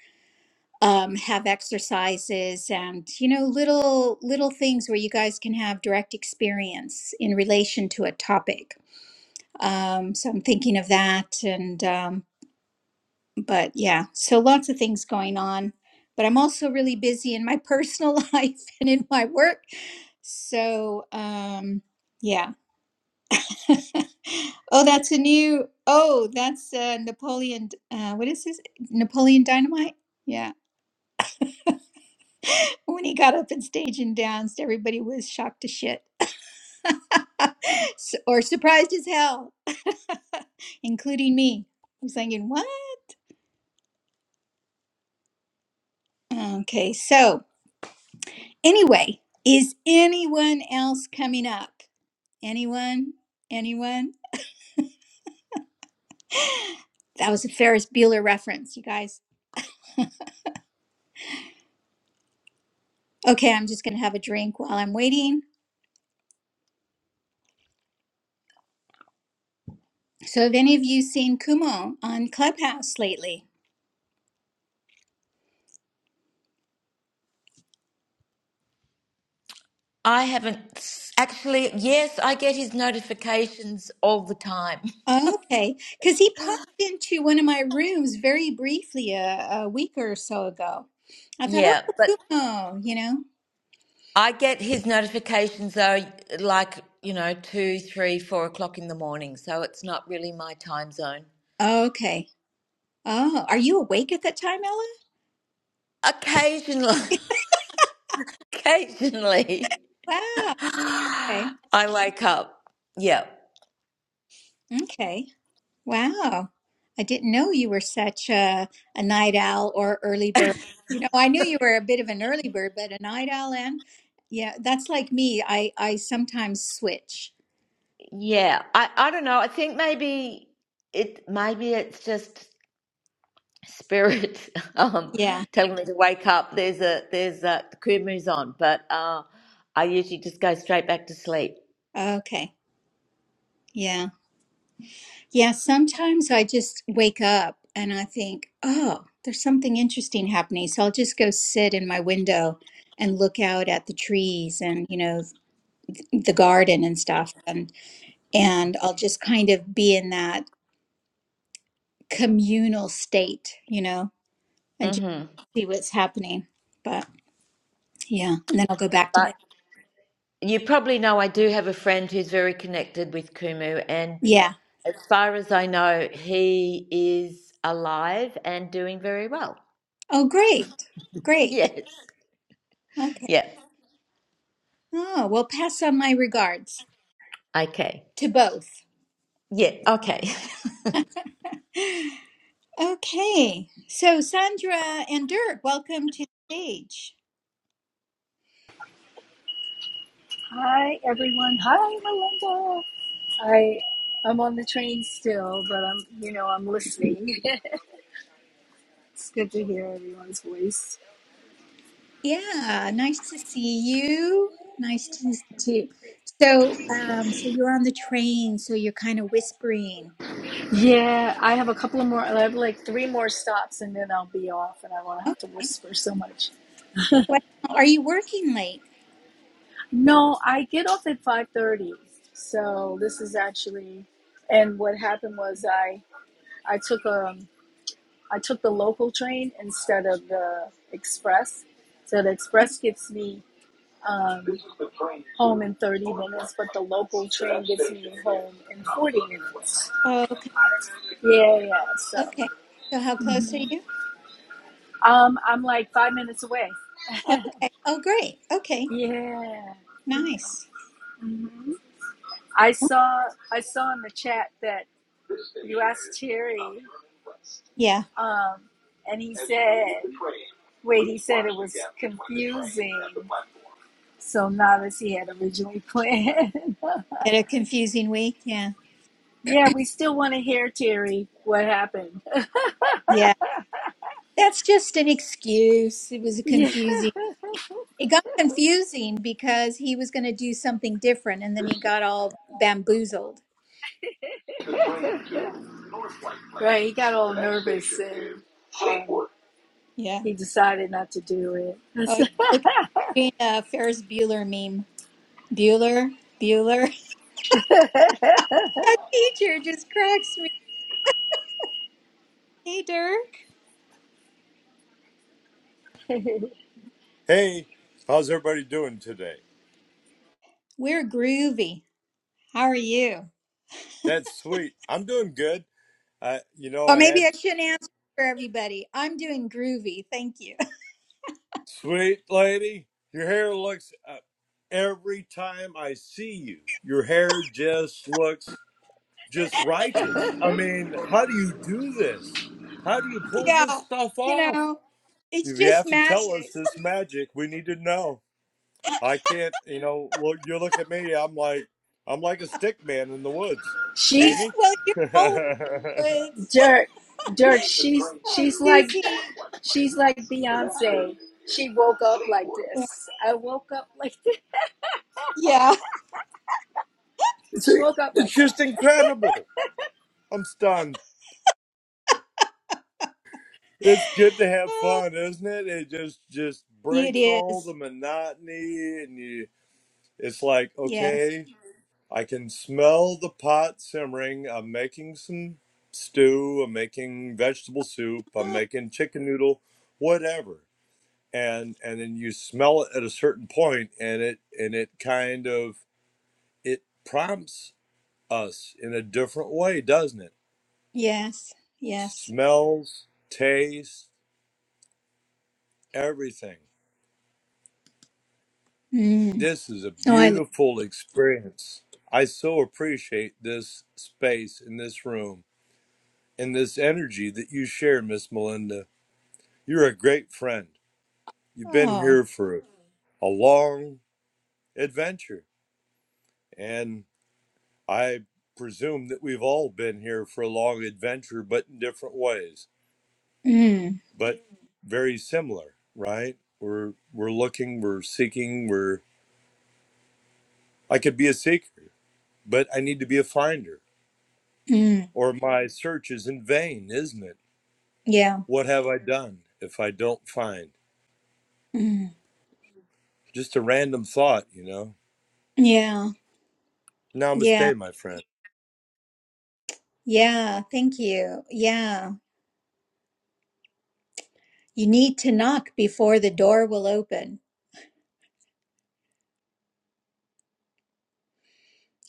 Speaker 1: um, have exercises and, you know, little, little things where you guys can have direct experience in relation to a topic. Um, so I'm thinking of that. And, um, but yeah, so lots of things going on. But I'm also really busy in my personal life and in my work. So um, yeah. oh, that's a new. Oh, that's uh, Napoleon. Uh, what is this? Napoleon Dynamite. Yeah. When he got up and stage and danced, everybody was shocked to shit, S- or surprised as hell, including me. I was thinking, what? Okay, so. Anyway, is anyone else coming up? Anyone? Anyone? That was a Ferris Bueller reference, you guys. Okay, I'm just going to have a drink while I'm waiting. So, have any of you seen Kumo on Clubhouse lately?
Speaker 2: I haven't s- actually. Yes, I get his notifications all the time.
Speaker 1: Okay, because he popped into one of my rooms very briefly a, a week or so ago. I thought,
Speaker 2: Yeah, but
Speaker 1: oh, you know,
Speaker 2: I get his notifications though, like you know, two, three, four o'clock in the morning. So it's not really my time zone.
Speaker 1: okay. Oh, are you awake at that time, Ella?
Speaker 2: Occasionally, occasionally,
Speaker 1: Wow. Okay.
Speaker 2: I wake up. Yeah.
Speaker 1: Okay. Wow. I didn't know you were such a, a night owl or early bird. You know, I knew you were a bit of an early bird, but a night owl and yeah, that's like me. I I sometimes switch.
Speaker 2: Yeah, I, I don't know. I think maybe it maybe it's just spirit um
Speaker 1: Yeah.
Speaker 2: telling me to wake up. There's a there's a the crib moves on, but uh I usually just go straight back to sleep.
Speaker 1: Okay. Yeah. Yeah, sometimes I just wake up and I think, "Oh, there's something interesting happening." So I'll just go sit in my window and look out at the trees and, you know, the garden and stuff and and I'll just kind of be in that communal state, you know, and just
Speaker 2: hmm
Speaker 1: see what's happening. But yeah, and then I'll go back to
Speaker 2: But
Speaker 1: bed.
Speaker 2: you probably know I do have a friend who's very connected with Kumu, and
Speaker 1: Yeah.
Speaker 2: as far as I know, he is alive and doing very well.
Speaker 1: Oh, great. Great.
Speaker 2: Yes.
Speaker 1: Okay.
Speaker 2: Yeah.
Speaker 1: Oh, well, pass on my regards
Speaker 2: Okay.
Speaker 1: to both.
Speaker 2: Yeah. Okay.
Speaker 1: Okay. So, Sandra and Dirk, welcome to the stage.
Speaker 4: Hi, everyone. Hi, Melinda. I I'm on the train still, but I'm you know I'm listening. it's good to hear everyone's voice.
Speaker 1: Yeah, nice to see you. Nice to to. So, um, so you're on the train, so you're kind of whispering.
Speaker 4: Yeah, I have a couple of more. I have like three more stops, and then I'll be off, and I won't have to
Speaker 1: Okay.
Speaker 4: whisper so much.
Speaker 1: Well, are you working late?
Speaker 4: No, I get off at five thirty, so this is actually. And what happened was I I took um I took the local train instead of the express, so the express gets me um, home in 30 minutes, but the local train gets me home in 40 minutes.
Speaker 1: Oh,
Speaker 4: Yeah, yeah. So
Speaker 1: Okay. So how close are
Speaker 4: mhm.
Speaker 1: you?
Speaker 4: um, I'm like five minutes away.
Speaker 1: Okay. Oh, great. Okay.
Speaker 4: Yeah.
Speaker 1: Nice.
Speaker 4: hmm I saw I saw in the chat that you asked Terry,
Speaker 1: Yeah.
Speaker 4: um, and he said, wait, he said it was confusing. So not as he had originally planned.
Speaker 1: You had a confusing week. Yeah.
Speaker 4: Yeah, we still want to hear Terry what happened.
Speaker 1: Yeah. That's just an excuse. It was a
Speaker 4: yeah.
Speaker 1: confusing. It got confusing because he was going to do something different and then he got all bamboozled.
Speaker 4: Right, he got all nervous and uh,
Speaker 1: Yeah.
Speaker 4: he decided not to do it.
Speaker 1: Oh, look at a Ferris Bueller meme. Bueller, Bueller. That teacher just cracks me. Hey, Dirk.
Speaker 5: Hey, how's everybody doing today?
Speaker 1: We're groovy. How are you?
Speaker 5: That's sweet. I'm doing good. I, you know,
Speaker 1: Or
Speaker 5: I
Speaker 1: maybe
Speaker 5: had
Speaker 1: I shouldn't answer for everybody. I'm doing groovy. Thank you.
Speaker 5: sweet lady. Your hair looks uh, every time I see you. Your hair just looks just righteous. I mean, how do you do this? How do you pull this
Speaker 1: yeah.
Speaker 5: stuff
Speaker 1: You
Speaker 5: off?
Speaker 1: know, it's
Speaker 5: You have
Speaker 1: just
Speaker 5: to tell us
Speaker 1: magic.
Speaker 5: this magic. We need to know. I can't, you know. Look, you look at me. I'm like, I'm like a stick man in the woods. See
Speaker 4: she's
Speaker 5: me?
Speaker 1: well, you're always woods.
Speaker 4: dirt, dirt. She's
Speaker 1: Oh,
Speaker 4: she's like
Speaker 1: Susie.
Speaker 4: she's like
Speaker 1: Yeah.
Speaker 4: Beyonce. She woke up like
Speaker 1: Yeah.
Speaker 4: this. I woke up like this.
Speaker 1: yeah.
Speaker 5: It's,
Speaker 4: She woke up
Speaker 5: it's
Speaker 4: like
Speaker 5: just
Speaker 4: that.
Speaker 5: incredible. I'm stunned. It's good to have fun, isn't it? It just just breaks
Speaker 1: it
Speaker 5: all the
Speaker 1: is.
Speaker 5: monotony, and you. It's like
Speaker 1: Yes.
Speaker 5: okay, I can smell the pot simmering. I'm making some stew. I'm making vegetable soup. I'm making chicken noodle, whatever. And and then you smell it at a certain point, and it and it kind of it prompts us in a different way, doesn't it?
Speaker 1: Yes. Yes.
Speaker 5: smells, taste, everything.
Speaker 1: Mm.
Speaker 5: This is a
Speaker 1: Oh, I love.
Speaker 5: beautiful experience. I so appreciate this space in this room and this energy that you share, Miss Melinda. You're a great friend. You've been
Speaker 1: Oh.
Speaker 5: here for a long adventure, and I presume that we've all been here for a long adventure, but in different ways,
Speaker 1: Mm.
Speaker 5: but very similar, right? We're we're looking, we're seeking, we're I could be a seeker but I need to be a finder,
Speaker 1: Mm.
Speaker 5: or my search is in vain, isn't it?
Speaker 1: Yeah.
Speaker 5: What have I done if I don't find?
Speaker 1: Mm.
Speaker 5: Just a random thought, you know?
Speaker 1: Yeah. Yeah.
Speaker 5: Namaste, my friend.
Speaker 1: Yeah. Thank you. Yeah. You need to knock before the door will open.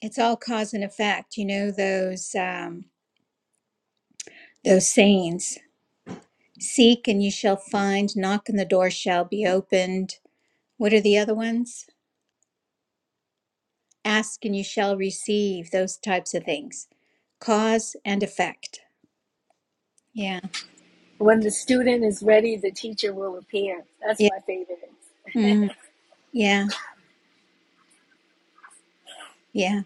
Speaker 1: it's all cause and effect you know those um those sayings seek and you shall find knock and the door shall be opened what are the other ones ask and you shall receive those types of things cause and effect yeah
Speaker 4: When the student is ready, the teacher will appear. That's
Speaker 1: yeah
Speaker 4: my favorite.
Speaker 1: mm, yeah yeah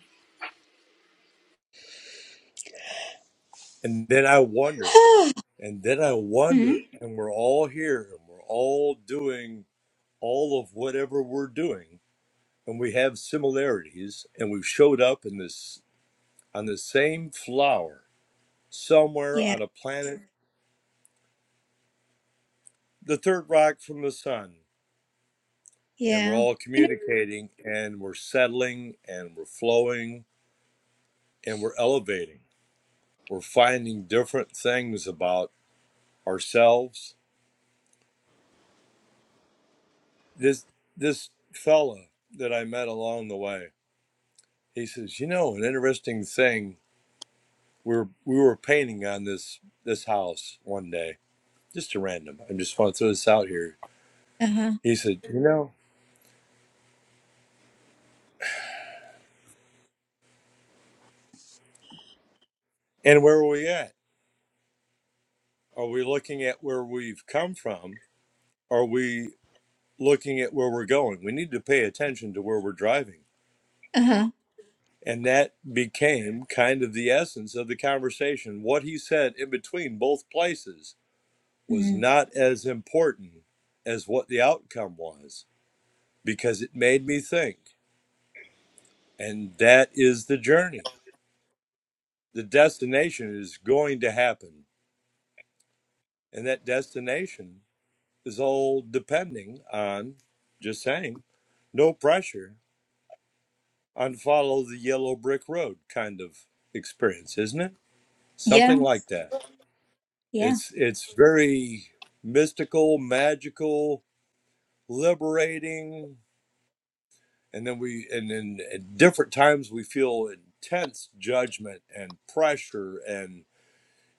Speaker 5: And then I wonder, and then I wonder,
Speaker 1: mm,
Speaker 5: and we're all here, and we're all doing all of whatever we're doing, and we have similarities, and we've showed up in this on the same flower somewhere
Speaker 1: yeah
Speaker 5: on a planet, the third rock from the sun. and we're
Speaker 1: yeah
Speaker 5: all
Speaker 1: you know
Speaker 5: communicating and we're settling and we're flowing and we're elevating we're finding different things about ourselves this this fella that i met along the way he says you know an interesting thing we were we were painting on this this house one day just a random i just want to throw this out here
Speaker 1: uh-huh
Speaker 5: he said you know and where are we at are we looking at where we've come from are we looking at where we're going. We need to pay attention to where we're driving.
Speaker 1: uh-huh
Speaker 5: And that became kind of the essence of the conversation. What he said in between both places was
Speaker 1: mm,
Speaker 5: not as important as what the outcome was because it made me think. And that is the journey. The destination is going to happen. And that destination is all depending on, just saying, no pressure, on follow the yellow brick road kind of experience isn't it
Speaker 1: yeah
Speaker 5: something like that
Speaker 1: yeah
Speaker 5: it's it's very mystical magical liberating and then we and then at different times we feel intense judgment and pressure and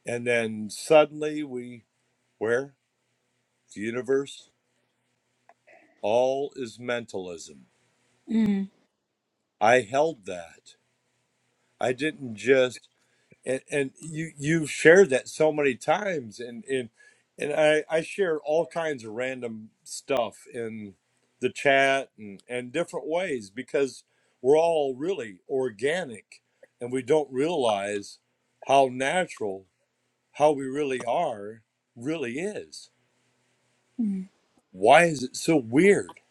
Speaker 5: and then suddenly we where the universe all is mentalism
Speaker 1: mm,
Speaker 5: i held that i didn't just and and you you've shared that so many times and and and I I share all kinds of random stuff in the chat and and different ways because we're all really organic and we don't realize how natural how we really are really is
Speaker 1: mm,
Speaker 5: why is it so weird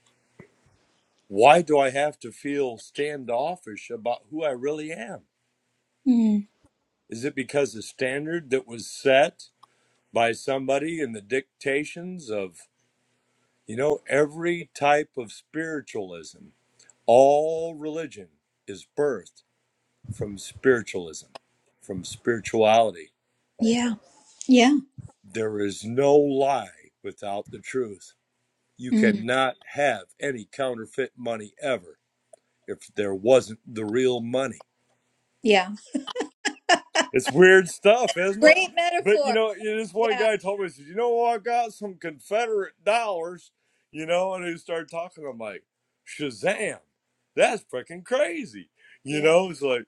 Speaker 5: why do i have to feel standoffish about who i really am
Speaker 1: mm,
Speaker 5: is it because the standard that was set by somebody in the dictations of, you know, every type of spiritualism. All religion is birthed from spiritualism, from spirituality.
Speaker 1: yeah yeah
Speaker 5: There is no lie without the truth. You
Speaker 1: mm,
Speaker 5: cannot have any counterfeit money ever if there wasn't the real money.
Speaker 1: yeah
Speaker 5: It's weird stuff, isn't it?
Speaker 1: great
Speaker 5: But you
Speaker 1: metaphor
Speaker 5: know, this one
Speaker 1: yeah
Speaker 5: guy told me, he says, "You know, I got some Confederate dollars," you know, and he started talking. I'm like, "Shazam, that's freaking crazy," you
Speaker 1: yeah
Speaker 5: know. It's like,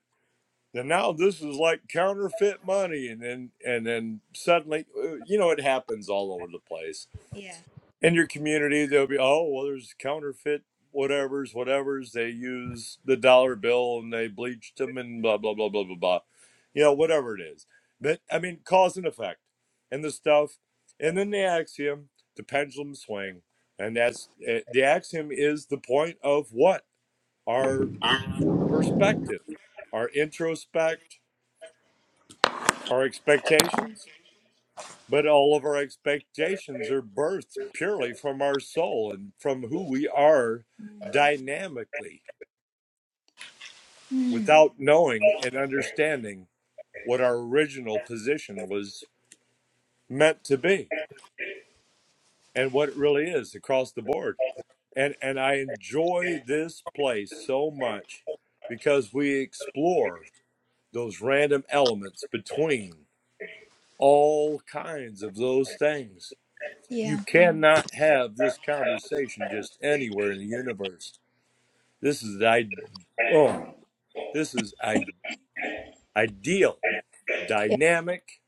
Speaker 5: and now this is like counterfeit money, and then and then suddenly, uh, you know, it happens all over the place
Speaker 1: yeah
Speaker 5: in your community they'll be oh well there's counterfeit whatever's whatever's they use the dollar bill and they bleached them and blah blah blah blah blah blah you know whatever it is but i mean cause and effect and the stuff and then the axiom the pendulum swing and that's eh, the axiom is the point of what our perspective our introspect our expectations But all of our expectations are birthed purely from our soul and from who we are
Speaker 1: Mm.
Speaker 5: dynamically
Speaker 1: Mm.
Speaker 5: without knowing and understanding what our original position was meant to be and what it really is across the board. And and I enjoy this place so much because we explore those random elements between all kinds of those things You
Speaker 1: Yeah.
Speaker 5: cannot have this conversation just anywhere in the universe. This is I oh, this is I ideal,
Speaker 1: Yeah.
Speaker 5: dynamic.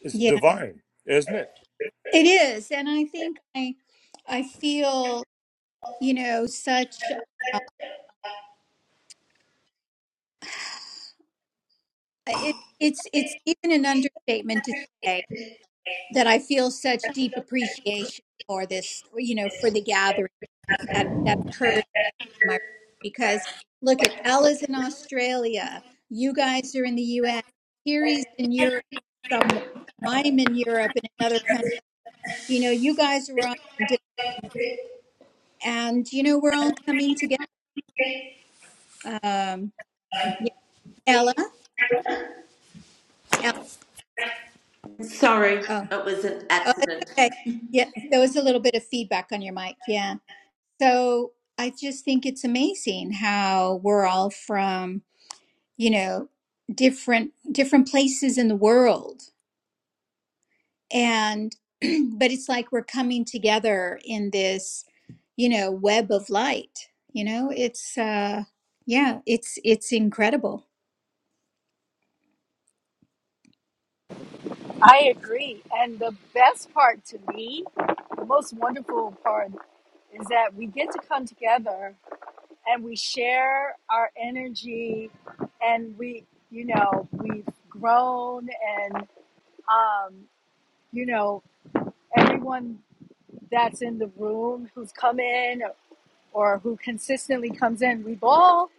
Speaker 5: It's
Speaker 1: Yeah.
Speaker 5: divine, isn't it?
Speaker 1: It is. And I think I I feel, you know, such it, it's it's even an understatement to say that I feel such deep appreciation for this, you know, for the gathering that that occurred in my because look at Ella's in Australia, you guys are in the US, Kiri's in Europe somewhere, I'm in Europe in another country, you know, you guys are all in different and you know, we're all coming together Um, yeah, Ella, Ella.
Speaker 2: Sorry,
Speaker 1: Oh,
Speaker 2: it was an
Speaker 1: oh, it's
Speaker 2: accident.
Speaker 1: okay. Yeah, there was a little bit of feedback on your mic. Yeah. So I just think it's amazing how we're all from, you know, different different places in the world, and but it's like we're coming together in this, you know, web of light. You know, it's uh, yeah, it's it's incredible.
Speaker 4: I agree. And the best part to me, the most wonderful part, is that we get to come together and we share our energy and we, you know, we've grown and, um, you know, everyone that's in the room who's come in or who consistently comes in, we've all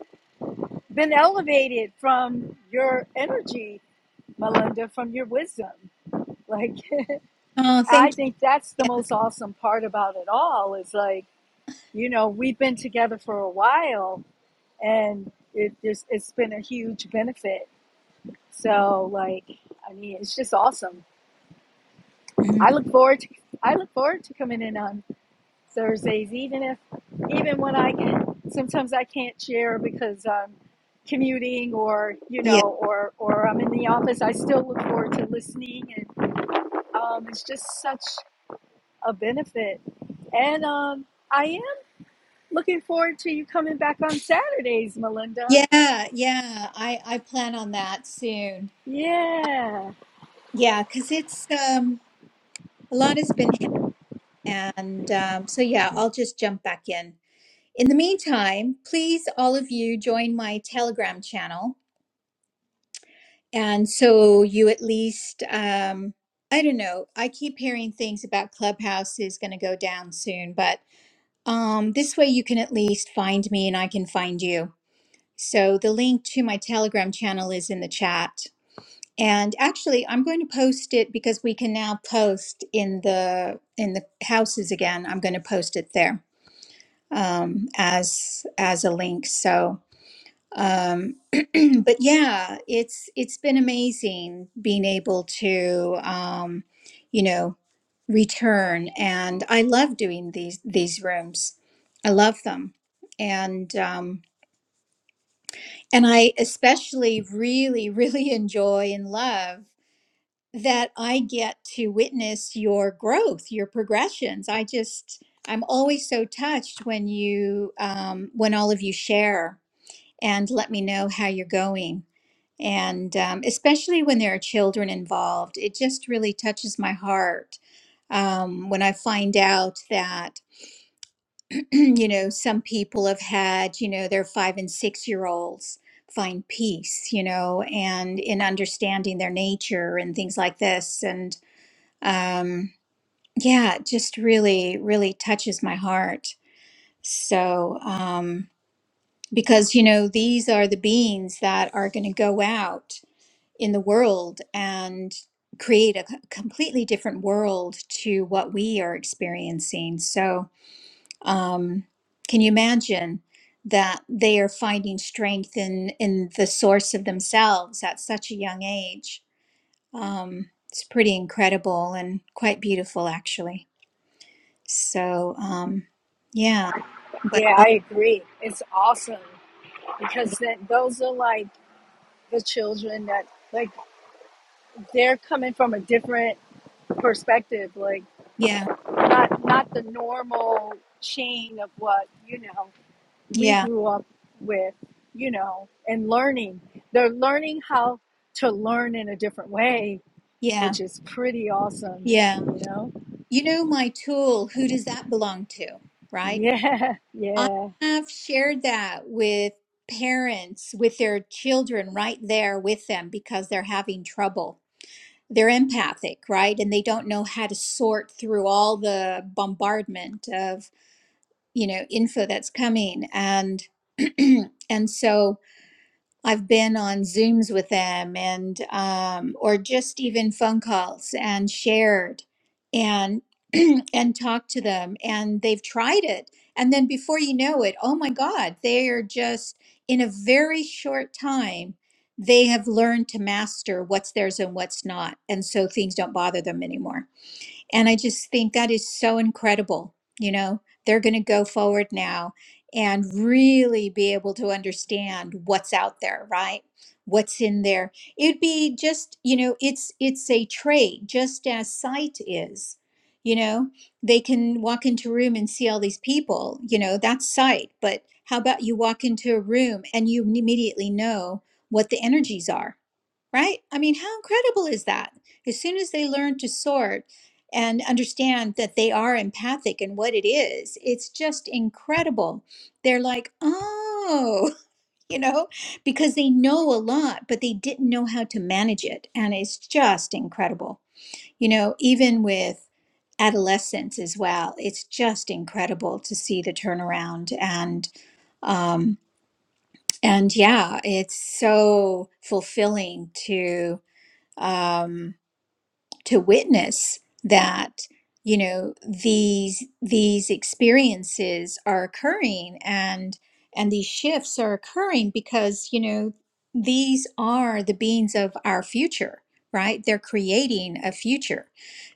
Speaker 4: been elevated from your energy, Melinda, from your wisdom. Like,
Speaker 1: Oh,
Speaker 4: I
Speaker 1: thank
Speaker 4: think that's the
Speaker 1: you.
Speaker 4: most awesome part about it all is like, you know, we've been together for a while and it, there's, it's been a huge benefit. So like, I mean, it's just awesome.
Speaker 1: Mm-hmm. Yeah.
Speaker 4: I look forward to, I look forward to coming in on Thursdays, even if, even when I can, sometimes I can't share because I'm commuting or, you
Speaker 1: Mhm.
Speaker 4: know, or, or I'm in the office. I still look forward to listening and um, it's just such a benefit. And, um, I. Looking forward to you coming back on Saturdays, Melinda.
Speaker 1: Yeah, yeah. I I plan on that soon.
Speaker 4: Yeah.
Speaker 1: Yeah, because it's um a lot has been ha- and um so yeah, I'll just jump back in. In the meantime, please all of you join my Telegram channel and so you at least um I don't know. I keep hearing things about Clubhouse is going to go down soon, but um this way you can at least find me and I can find you. So the link to my Telegram channel is in the chat And actually, I'm going to post it because we can now post in the in the houses again. I'm going to post it there um, as as a link. So, um, but yeah, it's it's been amazing being able to, um, you know, return. And I love doing these these rooms. I love them, and um, and I especially really really enjoy and love. that I get to witness your growth, your progressions. I just, I'm always so touched when you, um, when all of you share and let me know how you're going. And um, especially when there are children involved, it just really touches my heart um, when I find out that, you know, some people have had, you know, their five and six year olds find peace, you know, and in understanding their nature and things like this. And um, yeah, it just really, really touches my heart. So, um, because, you know, these are the beings that are going to go out in the world and create a c- completely different world to what we are experiencing. So, um, can you imagine that they are finding strength in in the source of themselves at such a young age? Um, it's pretty incredible and quite beautiful, actually. So, um, yeah, but
Speaker 4: Yeah,
Speaker 1: oh,
Speaker 4: I agree. It's awesome because that those are like the children that like they're coming from a different perspective, like
Speaker 1: yeah,
Speaker 4: not not the normal chain of what, you know, we
Speaker 1: yeah,
Speaker 4: grew up with, you know, and learning. They're learning how to learn in a different way,
Speaker 1: yeah,
Speaker 4: which is pretty awesome,
Speaker 1: yeah.
Speaker 4: you know?
Speaker 1: You know, my tool, who does that belong to, right?
Speaker 4: Yeah,
Speaker 1: I
Speaker 4: yeah.
Speaker 1: have shared that with parents, with their children right there with them because they're having trouble. They're empathic, right? And they don't know how to sort through all the bombardment of, you know, info that's coming. And, and so, I've been on Zooms with them and um, or just even phone calls and shared and and talked to them and they've tried it and then before you know it oh my god they are just in a very short time they have learned to master what's theirs and what's not and so things don't bother them anymore and I just think that is so incredible. You know, they're going to go forward now and really be able to understand what's out there, right? What's in there. It'd be just, you know, it's it's a trade, just as sight is. You know, they can walk into a room and see all these people, you know, that's sight. But how about you walk into a room and you immediately know what the energies are? right? I mean, how incredible is that? As soon as they learn to sort and understand that they are empathic and what it is, it's just incredible. They're like, oh, you know, because they know a lot, but they didn't know how to manage it. And it's just incredible. You know, even with adolescents as well, it's just incredible to see the turnaround and, um, and yeah, it's so fulfilling to um, to witness that you know these these experiences are occurring and and these shifts are occurring because you know these are the beings of our future right they're creating a future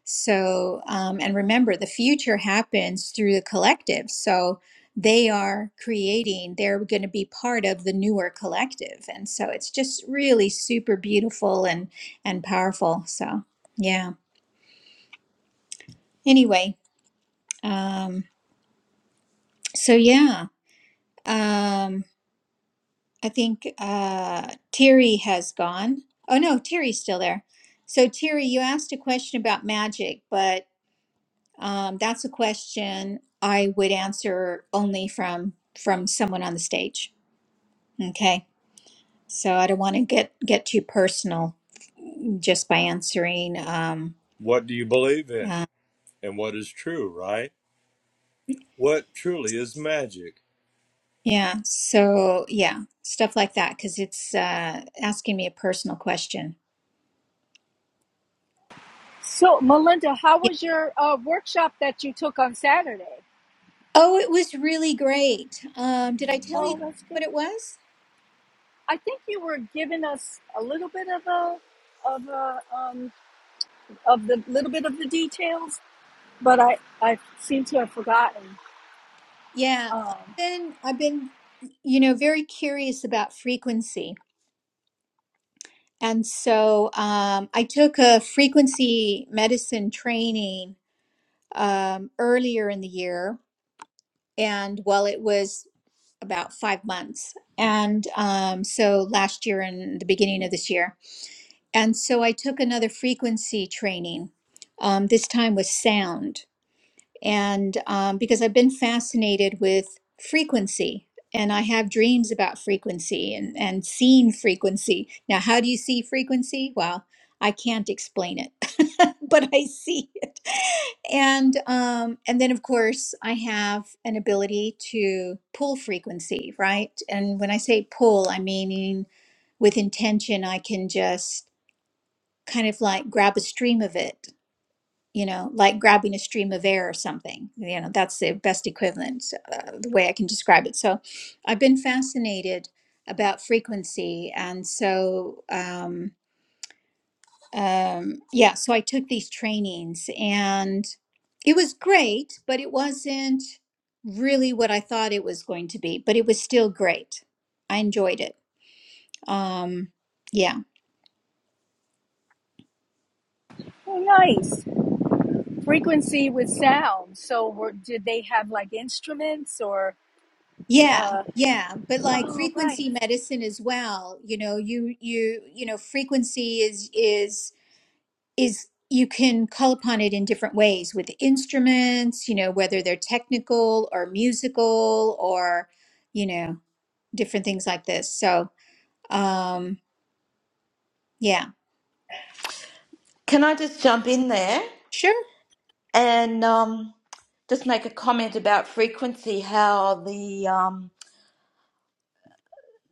Speaker 1: so um, and remember the future happens through the collective so they are creating they're going to be part of the newer collective and so it's just really super beautiful and and powerful so yeah. Anyway, um, so yeah, um, I think uh, Terry has gone. Oh no, Terry's still there. So Terry, you asked a question about magic, but um, that's a question I would answer only from from someone on the stage. Okay. So I don't want to get get too personal just by answering. Um,
Speaker 5: What do you believe in,
Speaker 1: uh,
Speaker 5: and what is true, right? What truly is magic?
Speaker 1: yeah. So yeah, stuff like that because it's uh, asking me a personal question.
Speaker 4: So, Melinda, how was your uh, workshop that you took on Saturday?
Speaker 1: Oh, it was really great. Um, did I tell you
Speaker 4: Oh, that's good.
Speaker 1: what it was?
Speaker 4: I think you were giving us a little bit of a of a um, of the little bit of the details, but I I seem to have forgotten.
Speaker 1: Yeah, I've
Speaker 4: Um,
Speaker 1: been I've been you know very curious about frequency. And so um, I took a frequency medicine training um, earlier in the year and well it was about 5 months. And um, so last year and the beginning of this year. And so I took another frequency training. Um, this time with sound. and um, because I've been fascinated with frequency and I have dreams about frequency and, and seeing frequency. Now, how do you see frequency? Well, I can't explain it, but I see it. And um, and then of course I have an ability to pull frequency, right? And when I say pull, I mean with intention I can just kind of like grab a stream of it you know, like grabbing a stream of air or something. You know, that's the best equivalent, uh, the way I can describe it. So I've been fascinated about frequency. And so, um, um, yeah, so I took these trainings and it was great, but it wasn't really what I thought it was going to be, but it was still great. I enjoyed it. Um, yeah.
Speaker 4: oh, nice frequency with sound. So, were, did they have like instruments or?
Speaker 1: Yeah,
Speaker 4: Uh,
Speaker 1: yeah, but like
Speaker 4: oh, right.
Speaker 1: frequency medicine as well, you know, you you you know, frequency is is is you can call upon it in different ways with instruments, you know, whether they're technical or musical or you know, different things like this. So, um yeah,
Speaker 2: Can I just jump in there
Speaker 1: sure.
Speaker 2: and um, just make a comment about frequency? How the um,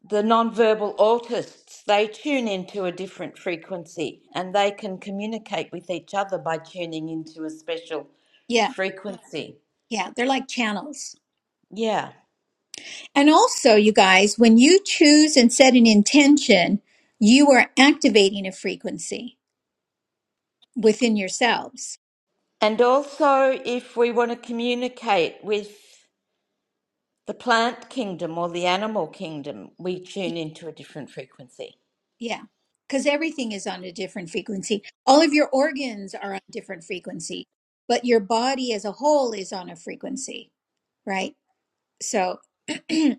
Speaker 2: the nonverbal autists they tune into a different frequency and they can communicate with each other by tuning into a special
Speaker 1: Yeah.
Speaker 2: frequency.
Speaker 1: Yeah, they're like channels.
Speaker 2: Yeah,
Speaker 1: And also, you guys, when you choose and set an intention, you are activating a frequency within yourselves.
Speaker 2: and also if we want to communicate with the plant kingdom or the animal kingdom, we tune into a different frequency.
Speaker 1: Yeah. Because everything is on a different frequency. All of your organs are on different frequency, but your body as a whole is on a frequency, right? So, yeah.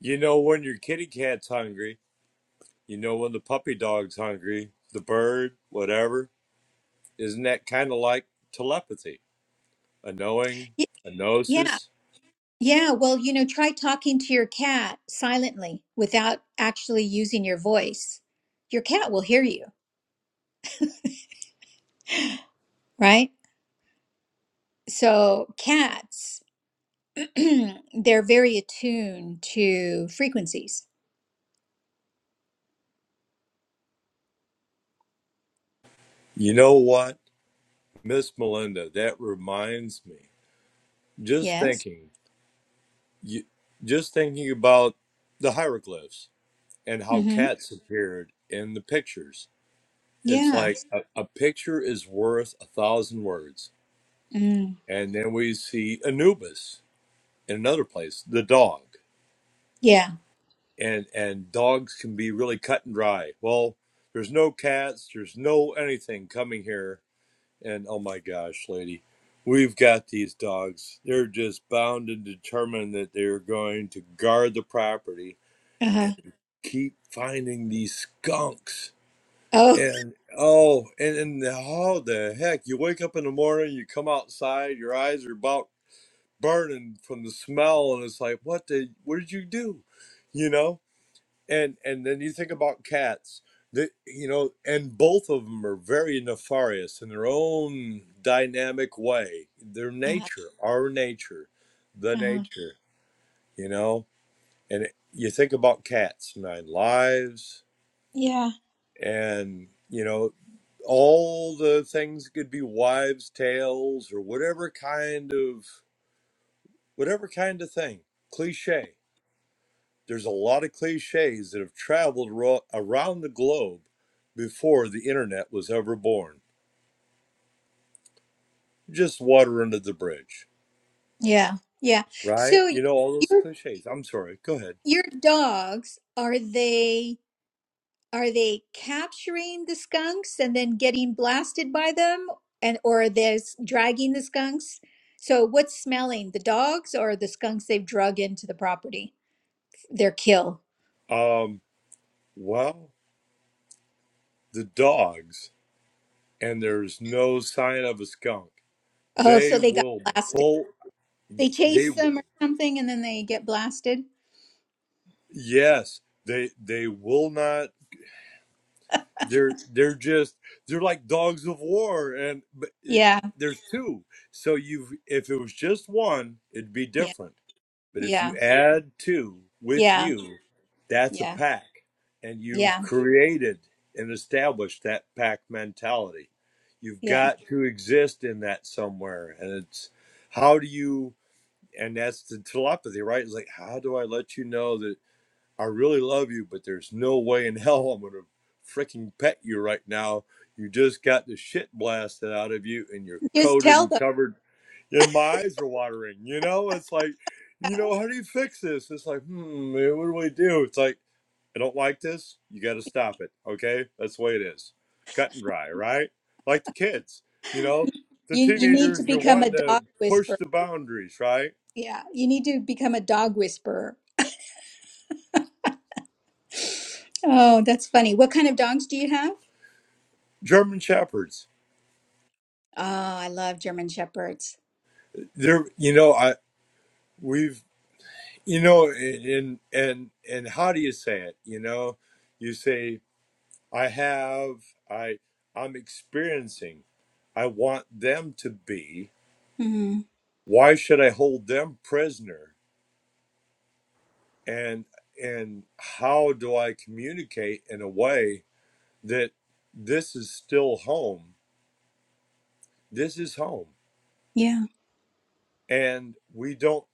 Speaker 5: You know when your kitty cat's hungry. You know when the puppy dog's hungry. The bird, whatever. Isn't that kind of like telepathy? A knowing,
Speaker 1: Y-
Speaker 5: a
Speaker 1: Yeah.
Speaker 5: gnosis.
Speaker 1: Yeah. Well, you know, try talking to your cat silently without actually using your voice. Your cat will hear you, right? So, cats, they're very attuned to frequencies.
Speaker 5: You know what, Miss Melinda? That reminds me. Just
Speaker 1: Yes.
Speaker 5: thinking, you, just thinking about the hieroglyphs and how
Speaker 1: Mm-hmm.
Speaker 5: cats appeared in the pictures. It's
Speaker 1: Yeah.
Speaker 5: like a, a picture is worth a thousand words.
Speaker 1: Mm.
Speaker 5: And then we see Anubis in another place, the dog,
Speaker 1: Yeah.
Speaker 5: and and dogs can be really cut and dry. Well, there's no cats, there's no anything coming here, and oh my gosh, lady. We've got these dogs. They're just bound and determined that they're going to guard the property
Speaker 1: Uh-huh.
Speaker 5: and keep finding these skunks.
Speaker 1: Oh.
Speaker 5: And oh, and, and how the heck you wake up in the morning, you come outside, your eyes are about burning from the smell, and it's like, what did what did you do? You know? And and then you think about cats. That you know, and both of them are very nefarious in their own dynamic way. Their
Speaker 1: Uh-huh.
Speaker 5: nature, our nature, the
Speaker 1: Uh-huh.
Speaker 5: nature, you know. And you think about cats, nine lives,
Speaker 1: Yeah.
Speaker 5: and you know all the things could be wives tales or whatever kind of whatever kind of thing cliche there's a lot of cliches that have traveled ro- around the globe before the internet was ever born just water under the bridge
Speaker 1: Yeah. Yeah.
Speaker 5: right
Speaker 1: So
Speaker 5: you know all those
Speaker 1: your
Speaker 5: cliches i'm sorry go ahead
Speaker 1: your dogs are they are they capturing the skunks and then getting blasted by them and or are they s- dragging the skunks? So what's smelling? The dogs or the skunks they've drug into the property? Their kill.
Speaker 5: um well the dogs and there's no sign of a skunk
Speaker 1: Oh,
Speaker 5: they
Speaker 1: so they got
Speaker 5: will
Speaker 1: blasted.
Speaker 5: bolt
Speaker 1: They
Speaker 5: they
Speaker 1: chase
Speaker 5: will
Speaker 1: them or something and then they get blasted.
Speaker 5: Yes, they they will not. They're they're just they're like dogs of war, and but it,
Speaker 1: Yeah.
Speaker 5: there's two. So you, if it was just one, it'd be
Speaker 1: Yeah.
Speaker 5: different. But if you
Speaker 1: Yeah.
Speaker 5: add two with
Speaker 1: Yeah.
Speaker 5: you, that's a
Speaker 1: Yeah.
Speaker 5: pack, and you've
Speaker 1: Yeah.
Speaker 5: created and established that pack mentality. You've
Speaker 1: Yeah.
Speaker 5: got to exist in that somewhere, and it's how do you? And that's the telepathy, right? It's like how do I let you know that? I really love you, but there's no way in hell I'm gonna freaking pet you right now. You just got the shit blasted out of you, and you're
Speaker 1: Just
Speaker 5: coated
Speaker 1: tell
Speaker 5: and
Speaker 1: them.
Speaker 5: covered. And my eyes are watering. You know, it's like, you know, how do you fix this? It's like, hmm, man, what do I do? It's like, I don't like this. You got to stop it. Okay, that's the way it is. Cut and dry, right? Like the kids, you know, the
Speaker 1: You you need to
Speaker 5: teenagers are
Speaker 1: become a
Speaker 5: wanting to
Speaker 1: dog
Speaker 5: push
Speaker 1: whisperer.
Speaker 5: the boundaries, right?
Speaker 1: Yeah, you need to become a dog whisperer. Oh, that's funny. What kind of dogs do you have?
Speaker 5: German shepherds.
Speaker 1: Oh, I love German shepherds.
Speaker 5: They're, you know, I we've You know, and and and how do you say it? You know, you say I have, I I'm experiencing. I want them to be.
Speaker 1: Mm,
Speaker 5: Why should I hold them prisoner? And and how do I communicate in a way that this is still home? This is home.
Speaker 1: yeah,
Speaker 5: And we don't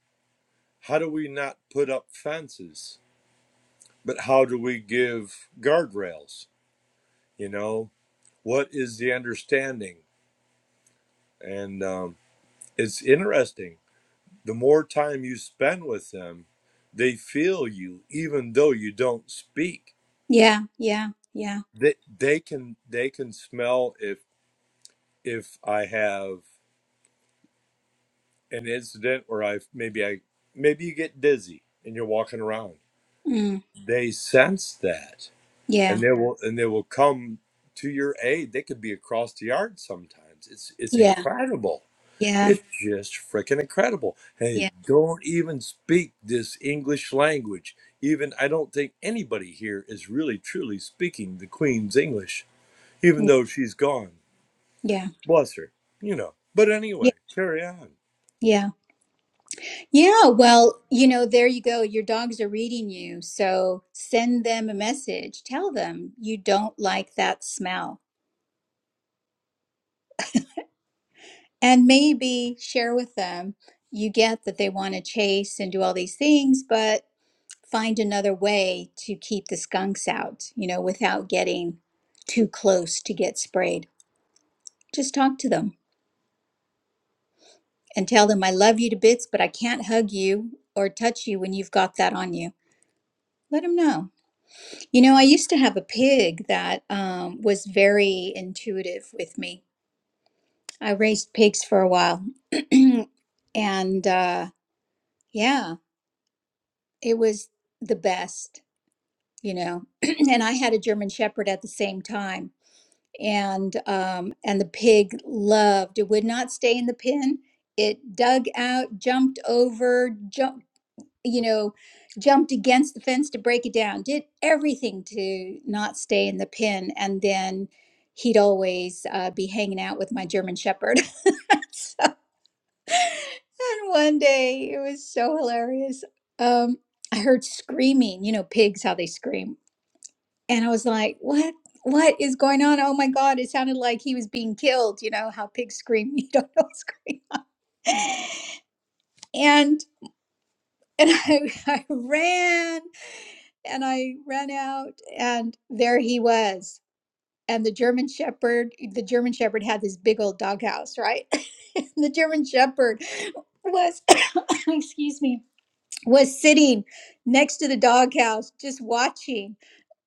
Speaker 5: how do we not put up fences? But how do we give guardrails? You know, what is the understanding? And um, it's interesting. The more time you spend with them, they feel you, even though you don't speak.
Speaker 1: yeah, yeah, yeah,
Speaker 5: They they can they can smell if if I have an incident where I maybe I maybe you get dizzy and you're walking around.
Speaker 1: mm,
Speaker 5: They sense that, and
Speaker 1: yeah,
Speaker 5: they will and they will come to your aid. They could be across the yard sometimes. It's it's
Speaker 1: yeah,
Speaker 5: incredible
Speaker 1: yeah,
Speaker 5: It's just freaking incredible. Hey,
Speaker 1: yeah,
Speaker 5: don't even speak this English language. Even I don't think anybody here is really truly speaking the Queen's English, even
Speaker 1: mm,
Speaker 5: though she's gone.
Speaker 1: yeah,
Speaker 5: Bless her, you know. But anyway,
Speaker 1: yeah,
Speaker 5: carry on.
Speaker 1: yeah, yeah. Well, you know, there you go. Your dogs are reading you, so send them a message. Tell them you don't like that smell and maybe share with them you get that they want to chase and do all these things but find another way to keep the skunks out you know without getting too close to get sprayed just talk to them and tell them i love you to bits but i can't hug you or touch you when you've got that on you let them know you know i used to have a pig that um, was very intuitive with me i raised pigs for a while and uh, yeah it was the best you know and i had a german shepherd at the same time and um and the pig loved it would not stay in the pen it dug out jumped over jumped you know jumped against the fence to break it down did everything to not stay in the pen and then he'd always uh, be hanging out with my german shepherd so, and one day it was so hilarious um I heard screaming, you know, pigs, how they scream And I was like, what? What is going on? Oh my God, it sounded like he was being killed. You know how pigs scream, you don't know what's going on. And and I, I ran and I ran out and there he was. And the German Shepherd, the German Shepherd had this big old doghouse, right? the German Shepherd was, excuse me, was sitting next to the doghouse just watching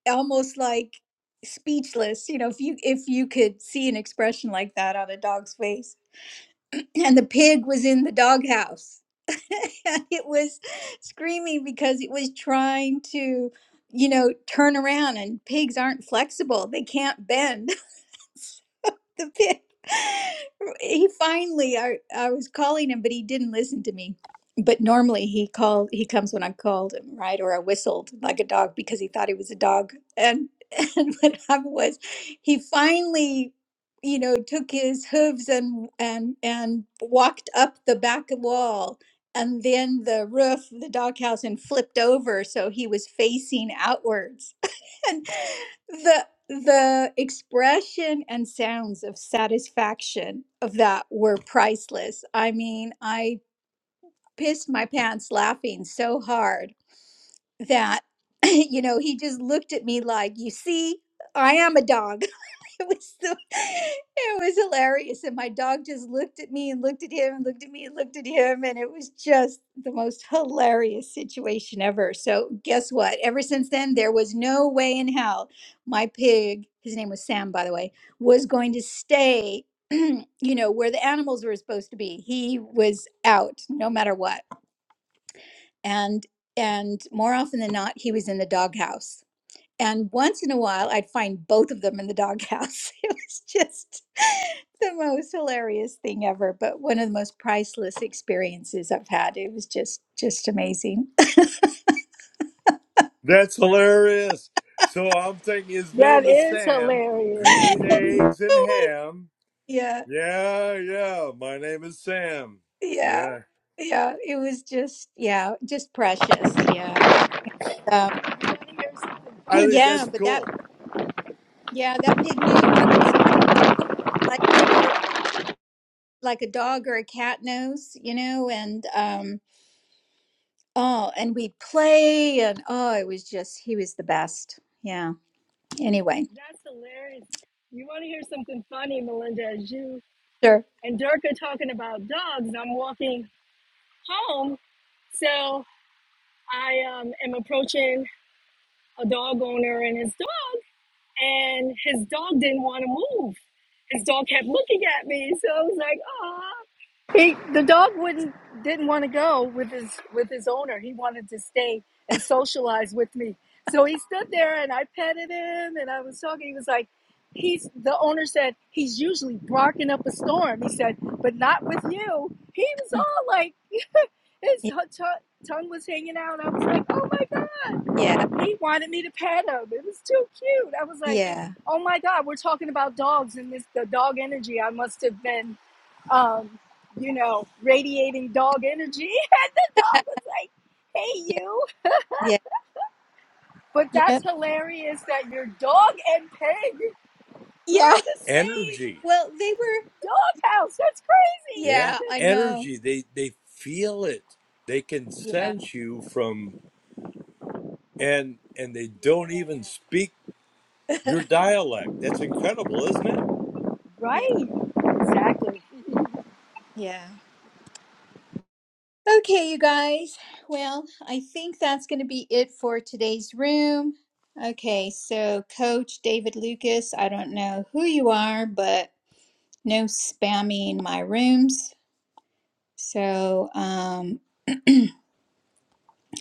Speaker 1: almost like speechless you know if you if you could see an expression like that on a dog's face and the pig was in the doghouse and it was screaming because it was trying to you know turn around and pigs aren't flexible they can't bend the pit. He finally, I, I was calling him, but he didn't listen to me. But normally he called, he comes when I called him, right? Or I whistled like a dog because he thought he was a dog. And, and what happened was he finally, you know, took his hooves and, and, and walked up the back wall and then the roof, of the doghouse, and flipped over. So he was facing outwards. and the the expression and sounds of satisfaction of that were priceless i mean i pissed my pants laughing so hard that you know he just looked at me like you see i am a dog It was the, it was hilarious, and my dog just looked at me and looked at him and looked at me and looked at him, and it was just the most hilarious situation ever. So guess what? Ever since then, there was no way in hell my pig, his name was Sam, by the way, was going to stay. you know where the animals were supposed to be. He was out no matter what, and and more often than not, he was in the doghouse and once in a while, I'd find both of them in the doghouse. It was just the most hilarious thing ever, but one of the most priceless experiences I've had. It was just just amazing.
Speaker 5: That's hilarious. So I'm thinking his
Speaker 4: That
Speaker 5: name is
Speaker 4: is
Speaker 5: Sam.
Speaker 4: hilarious.
Speaker 5: Green eggs and
Speaker 1: oh my,
Speaker 5: ham.
Speaker 1: yeah,
Speaker 5: Yeah, yeah. My name is Sam.
Speaker 1: yeah,
Speaker 5: Yeah.
Speaker 1: yeah. It was just, yeah, just precious. Yeah, um,
Speaker 4: I wanna hear something
Speaker 5: I think
Speaker 1: yeah.
Speaker 5: that's
Speaker 4: funny.
Speaker 1: But that,
Speaker 5: cool.
Speaker 1: yeah, that pig knew when I was coming home, like you know, like a dog or a cat knows, you know, and um Oh, and we'd play, and oh, it was just, he was the best. Yeah. Anyway,
Speaker 4: That's hilarious. You want to hear something funny, Melinda? As you
Speaker 1: sure.
Speaker 4: and Dirk are talking about dogs, I'm walking home. So I um, am approaching a dog owner and his dog. and his dog didn't want to move. His dog kept looking at me, so I was like, "Ah." He the dog wouldn't didn't want to go with his with his owner. He wanted to stay and socialize with me. So he stood there, and I petted him, and I was talking. He was like, "He's." The owner said he's usually barking up a storm. He said, "But not with you." He was all like, his
Speaker 1: Y-
Speaker 4: hu- tongue was hanging out. I was like, "Oh my god."
Speaker 1: Yeah.
Speaker 4: He wanted me to pet him. It was too cute. I was like,
Speaker 1: Yeah.
Speaker 4: oh my God, we're talking about dogs and this the dog energy. I must have been um, you know, radiating dog energy. And the dog was like, hey
Speaker 1: Yeah.
Speaker 4: you.
Speaker 1: Yeah.
Speaker 4: But
Speaker 1: Yeah.
Speaker 4: that's hilarious that your dog and pig were
Speaker 1: Yeah.
Speaker 4: in the same
Speaker 5: Energy.
Speaker 1: Well, they were,
Speaker 4: doghouse. That's crazy.
Speaker 5: Yeah,
Speaker 1: yeah, I know.
Speaker 5: energy. They they feel it. They can
Speaker 1: Yeah.
Speaker 5: sense you from and and they don't
Speaker 4: Yeah.
Speaker 5: even speak your dialect. That's incredible, isn't it?
Speaker 1: Yeah.
Speaker 4: Right. Exactly.
Speaker 1: Yeah. Okay, you guys. Well, I think that's going to be it for today's room. Okay, so Coach David Lucas, I don't know who you are, but no spamming my rooms. So um,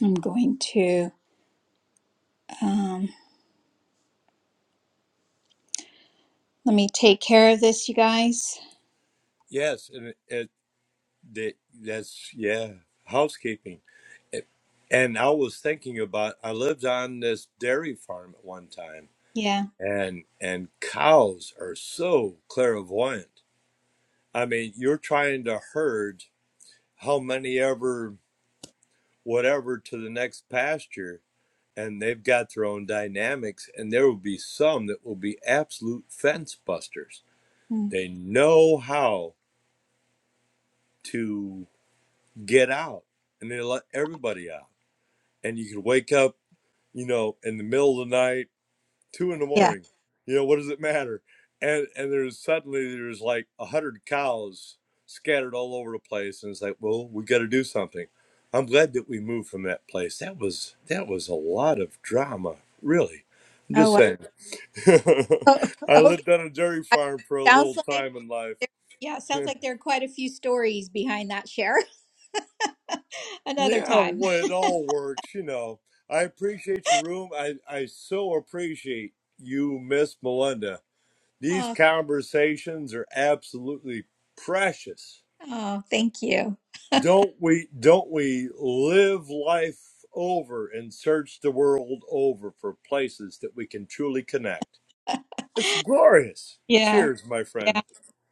Speaker 1: I'm going to. Um, let me take care of this, you guys.
Speaker 5: Yes, and it, it they, that's yeah, housekeeping. It, and I was thinking about I lived on this dairy farm at one time
Speaker 1: Yeah.
Speaker 5: and and cows are so clairvoyant. I mean, you're trying to herd how many ever whatever to the next pasture and they've got their own dynamics and there will be some that will be absolute fence busters
Speaker 1: Mm.
Speaker 5: they know how to get out and they let everybody out and you can wake up you know in the middle of the night two in the
Speaker 1: Yeah.
Speaker 5: morning you know what does it matter and and there's suddenly there's like a hundred cows scattered all over the place and it's like well we got to do something i'm glad that we moved from that place that was that was a lot of drama really i'm
Speaker 1: Oh,
Speaker 5: just
Speaker 1: wow.
Speaker 5: saying I
Speaker 1: Oh, okay.
Speaker 5: lived on a dairy
Speaker 1: I-
Speaker 5: farm for a little
Speaker 1: Sounds like
Speaker 5: time in life.
Speaker 1: there, yeah, sounds like there are quite a few stories behind that share. Another
Speaker 5: yeah,
Speaker 1: time.
Speaker 5: well, it all works, you know. I appreciate your room. I, I so appreciate you, Miss Melinda. These
Speaker 1: Oh,
Speaker 5: conversations are absolutely precious.
Speaker 1: oh, thank you.
Speaker 5: Don't we don't we live life over and search the world over for places that we can truly connect? It's glorious.
Speaker 1: Yeah,
Speaker 5: Cheers, my
Speaker 1: yeah.
Speaker 5: friend.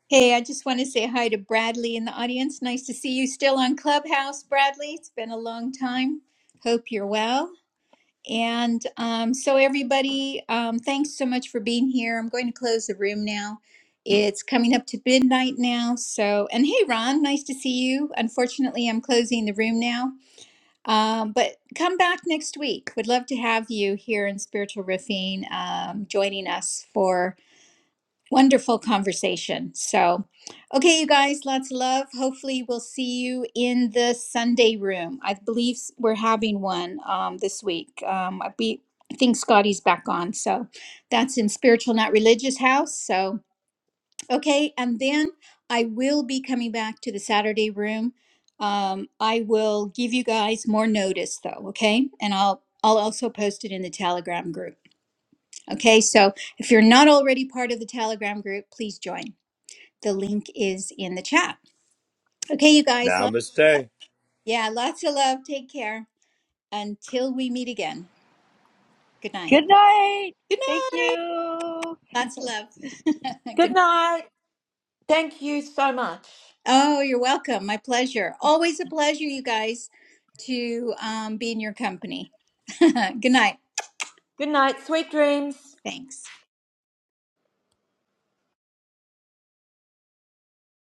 Speaker 1: Hey, I just want to say hi to Bradley in the audience. Nice to see you still on Clubhouse, Bradley. It's been a long time. Hope you're well. And um, so, everybody, um, thanks so much for being here. I'm going to close the room now. It's coming up to midnight now. So, and hey, Ron, nice to see you. Unfortunately, I'm closing the room now. Um, but come back next week. Would love to have you here in Spiritual Riffing, um, joining us for Wonderful conversation. So, okay, you guys, lots of love. Hopefully, we'll see you in the Sunday room. I believe s- we're having one um, this week. Um, I, be, I think Scotty's back on. So, that's in Spiritual Not Religious House. So, okay. And then I will be coming back to the Saturday room. Um, I will give you guys more notice, though, okay? And I'll I'll also post it in the Telegram group. Okay, so if you're not already part of the Telegram group, please join. The link is in the chat. Okay, you guys. Love,
Speaker 5: Namaste.
Speaker 1: yeah, lots of love. Take care until we meet again. Good night.
Speaker 4: Good night.
Speaker 1: Good
Speaker 4: Thank
Speaker 1: night.
Speaker 4: you.
Speaker 1: Lots of love.
Speaker 2: Good
Speaker 1: Good
Speaker 2: night. Thank you so much.
Speaker 1: Oh, you're welcome. My pleasure. Always a pleasure, you guys, to um, be in your company. Good night.
Speaker 2: Good night, sweet dreams.
Speaker 1: Thanks.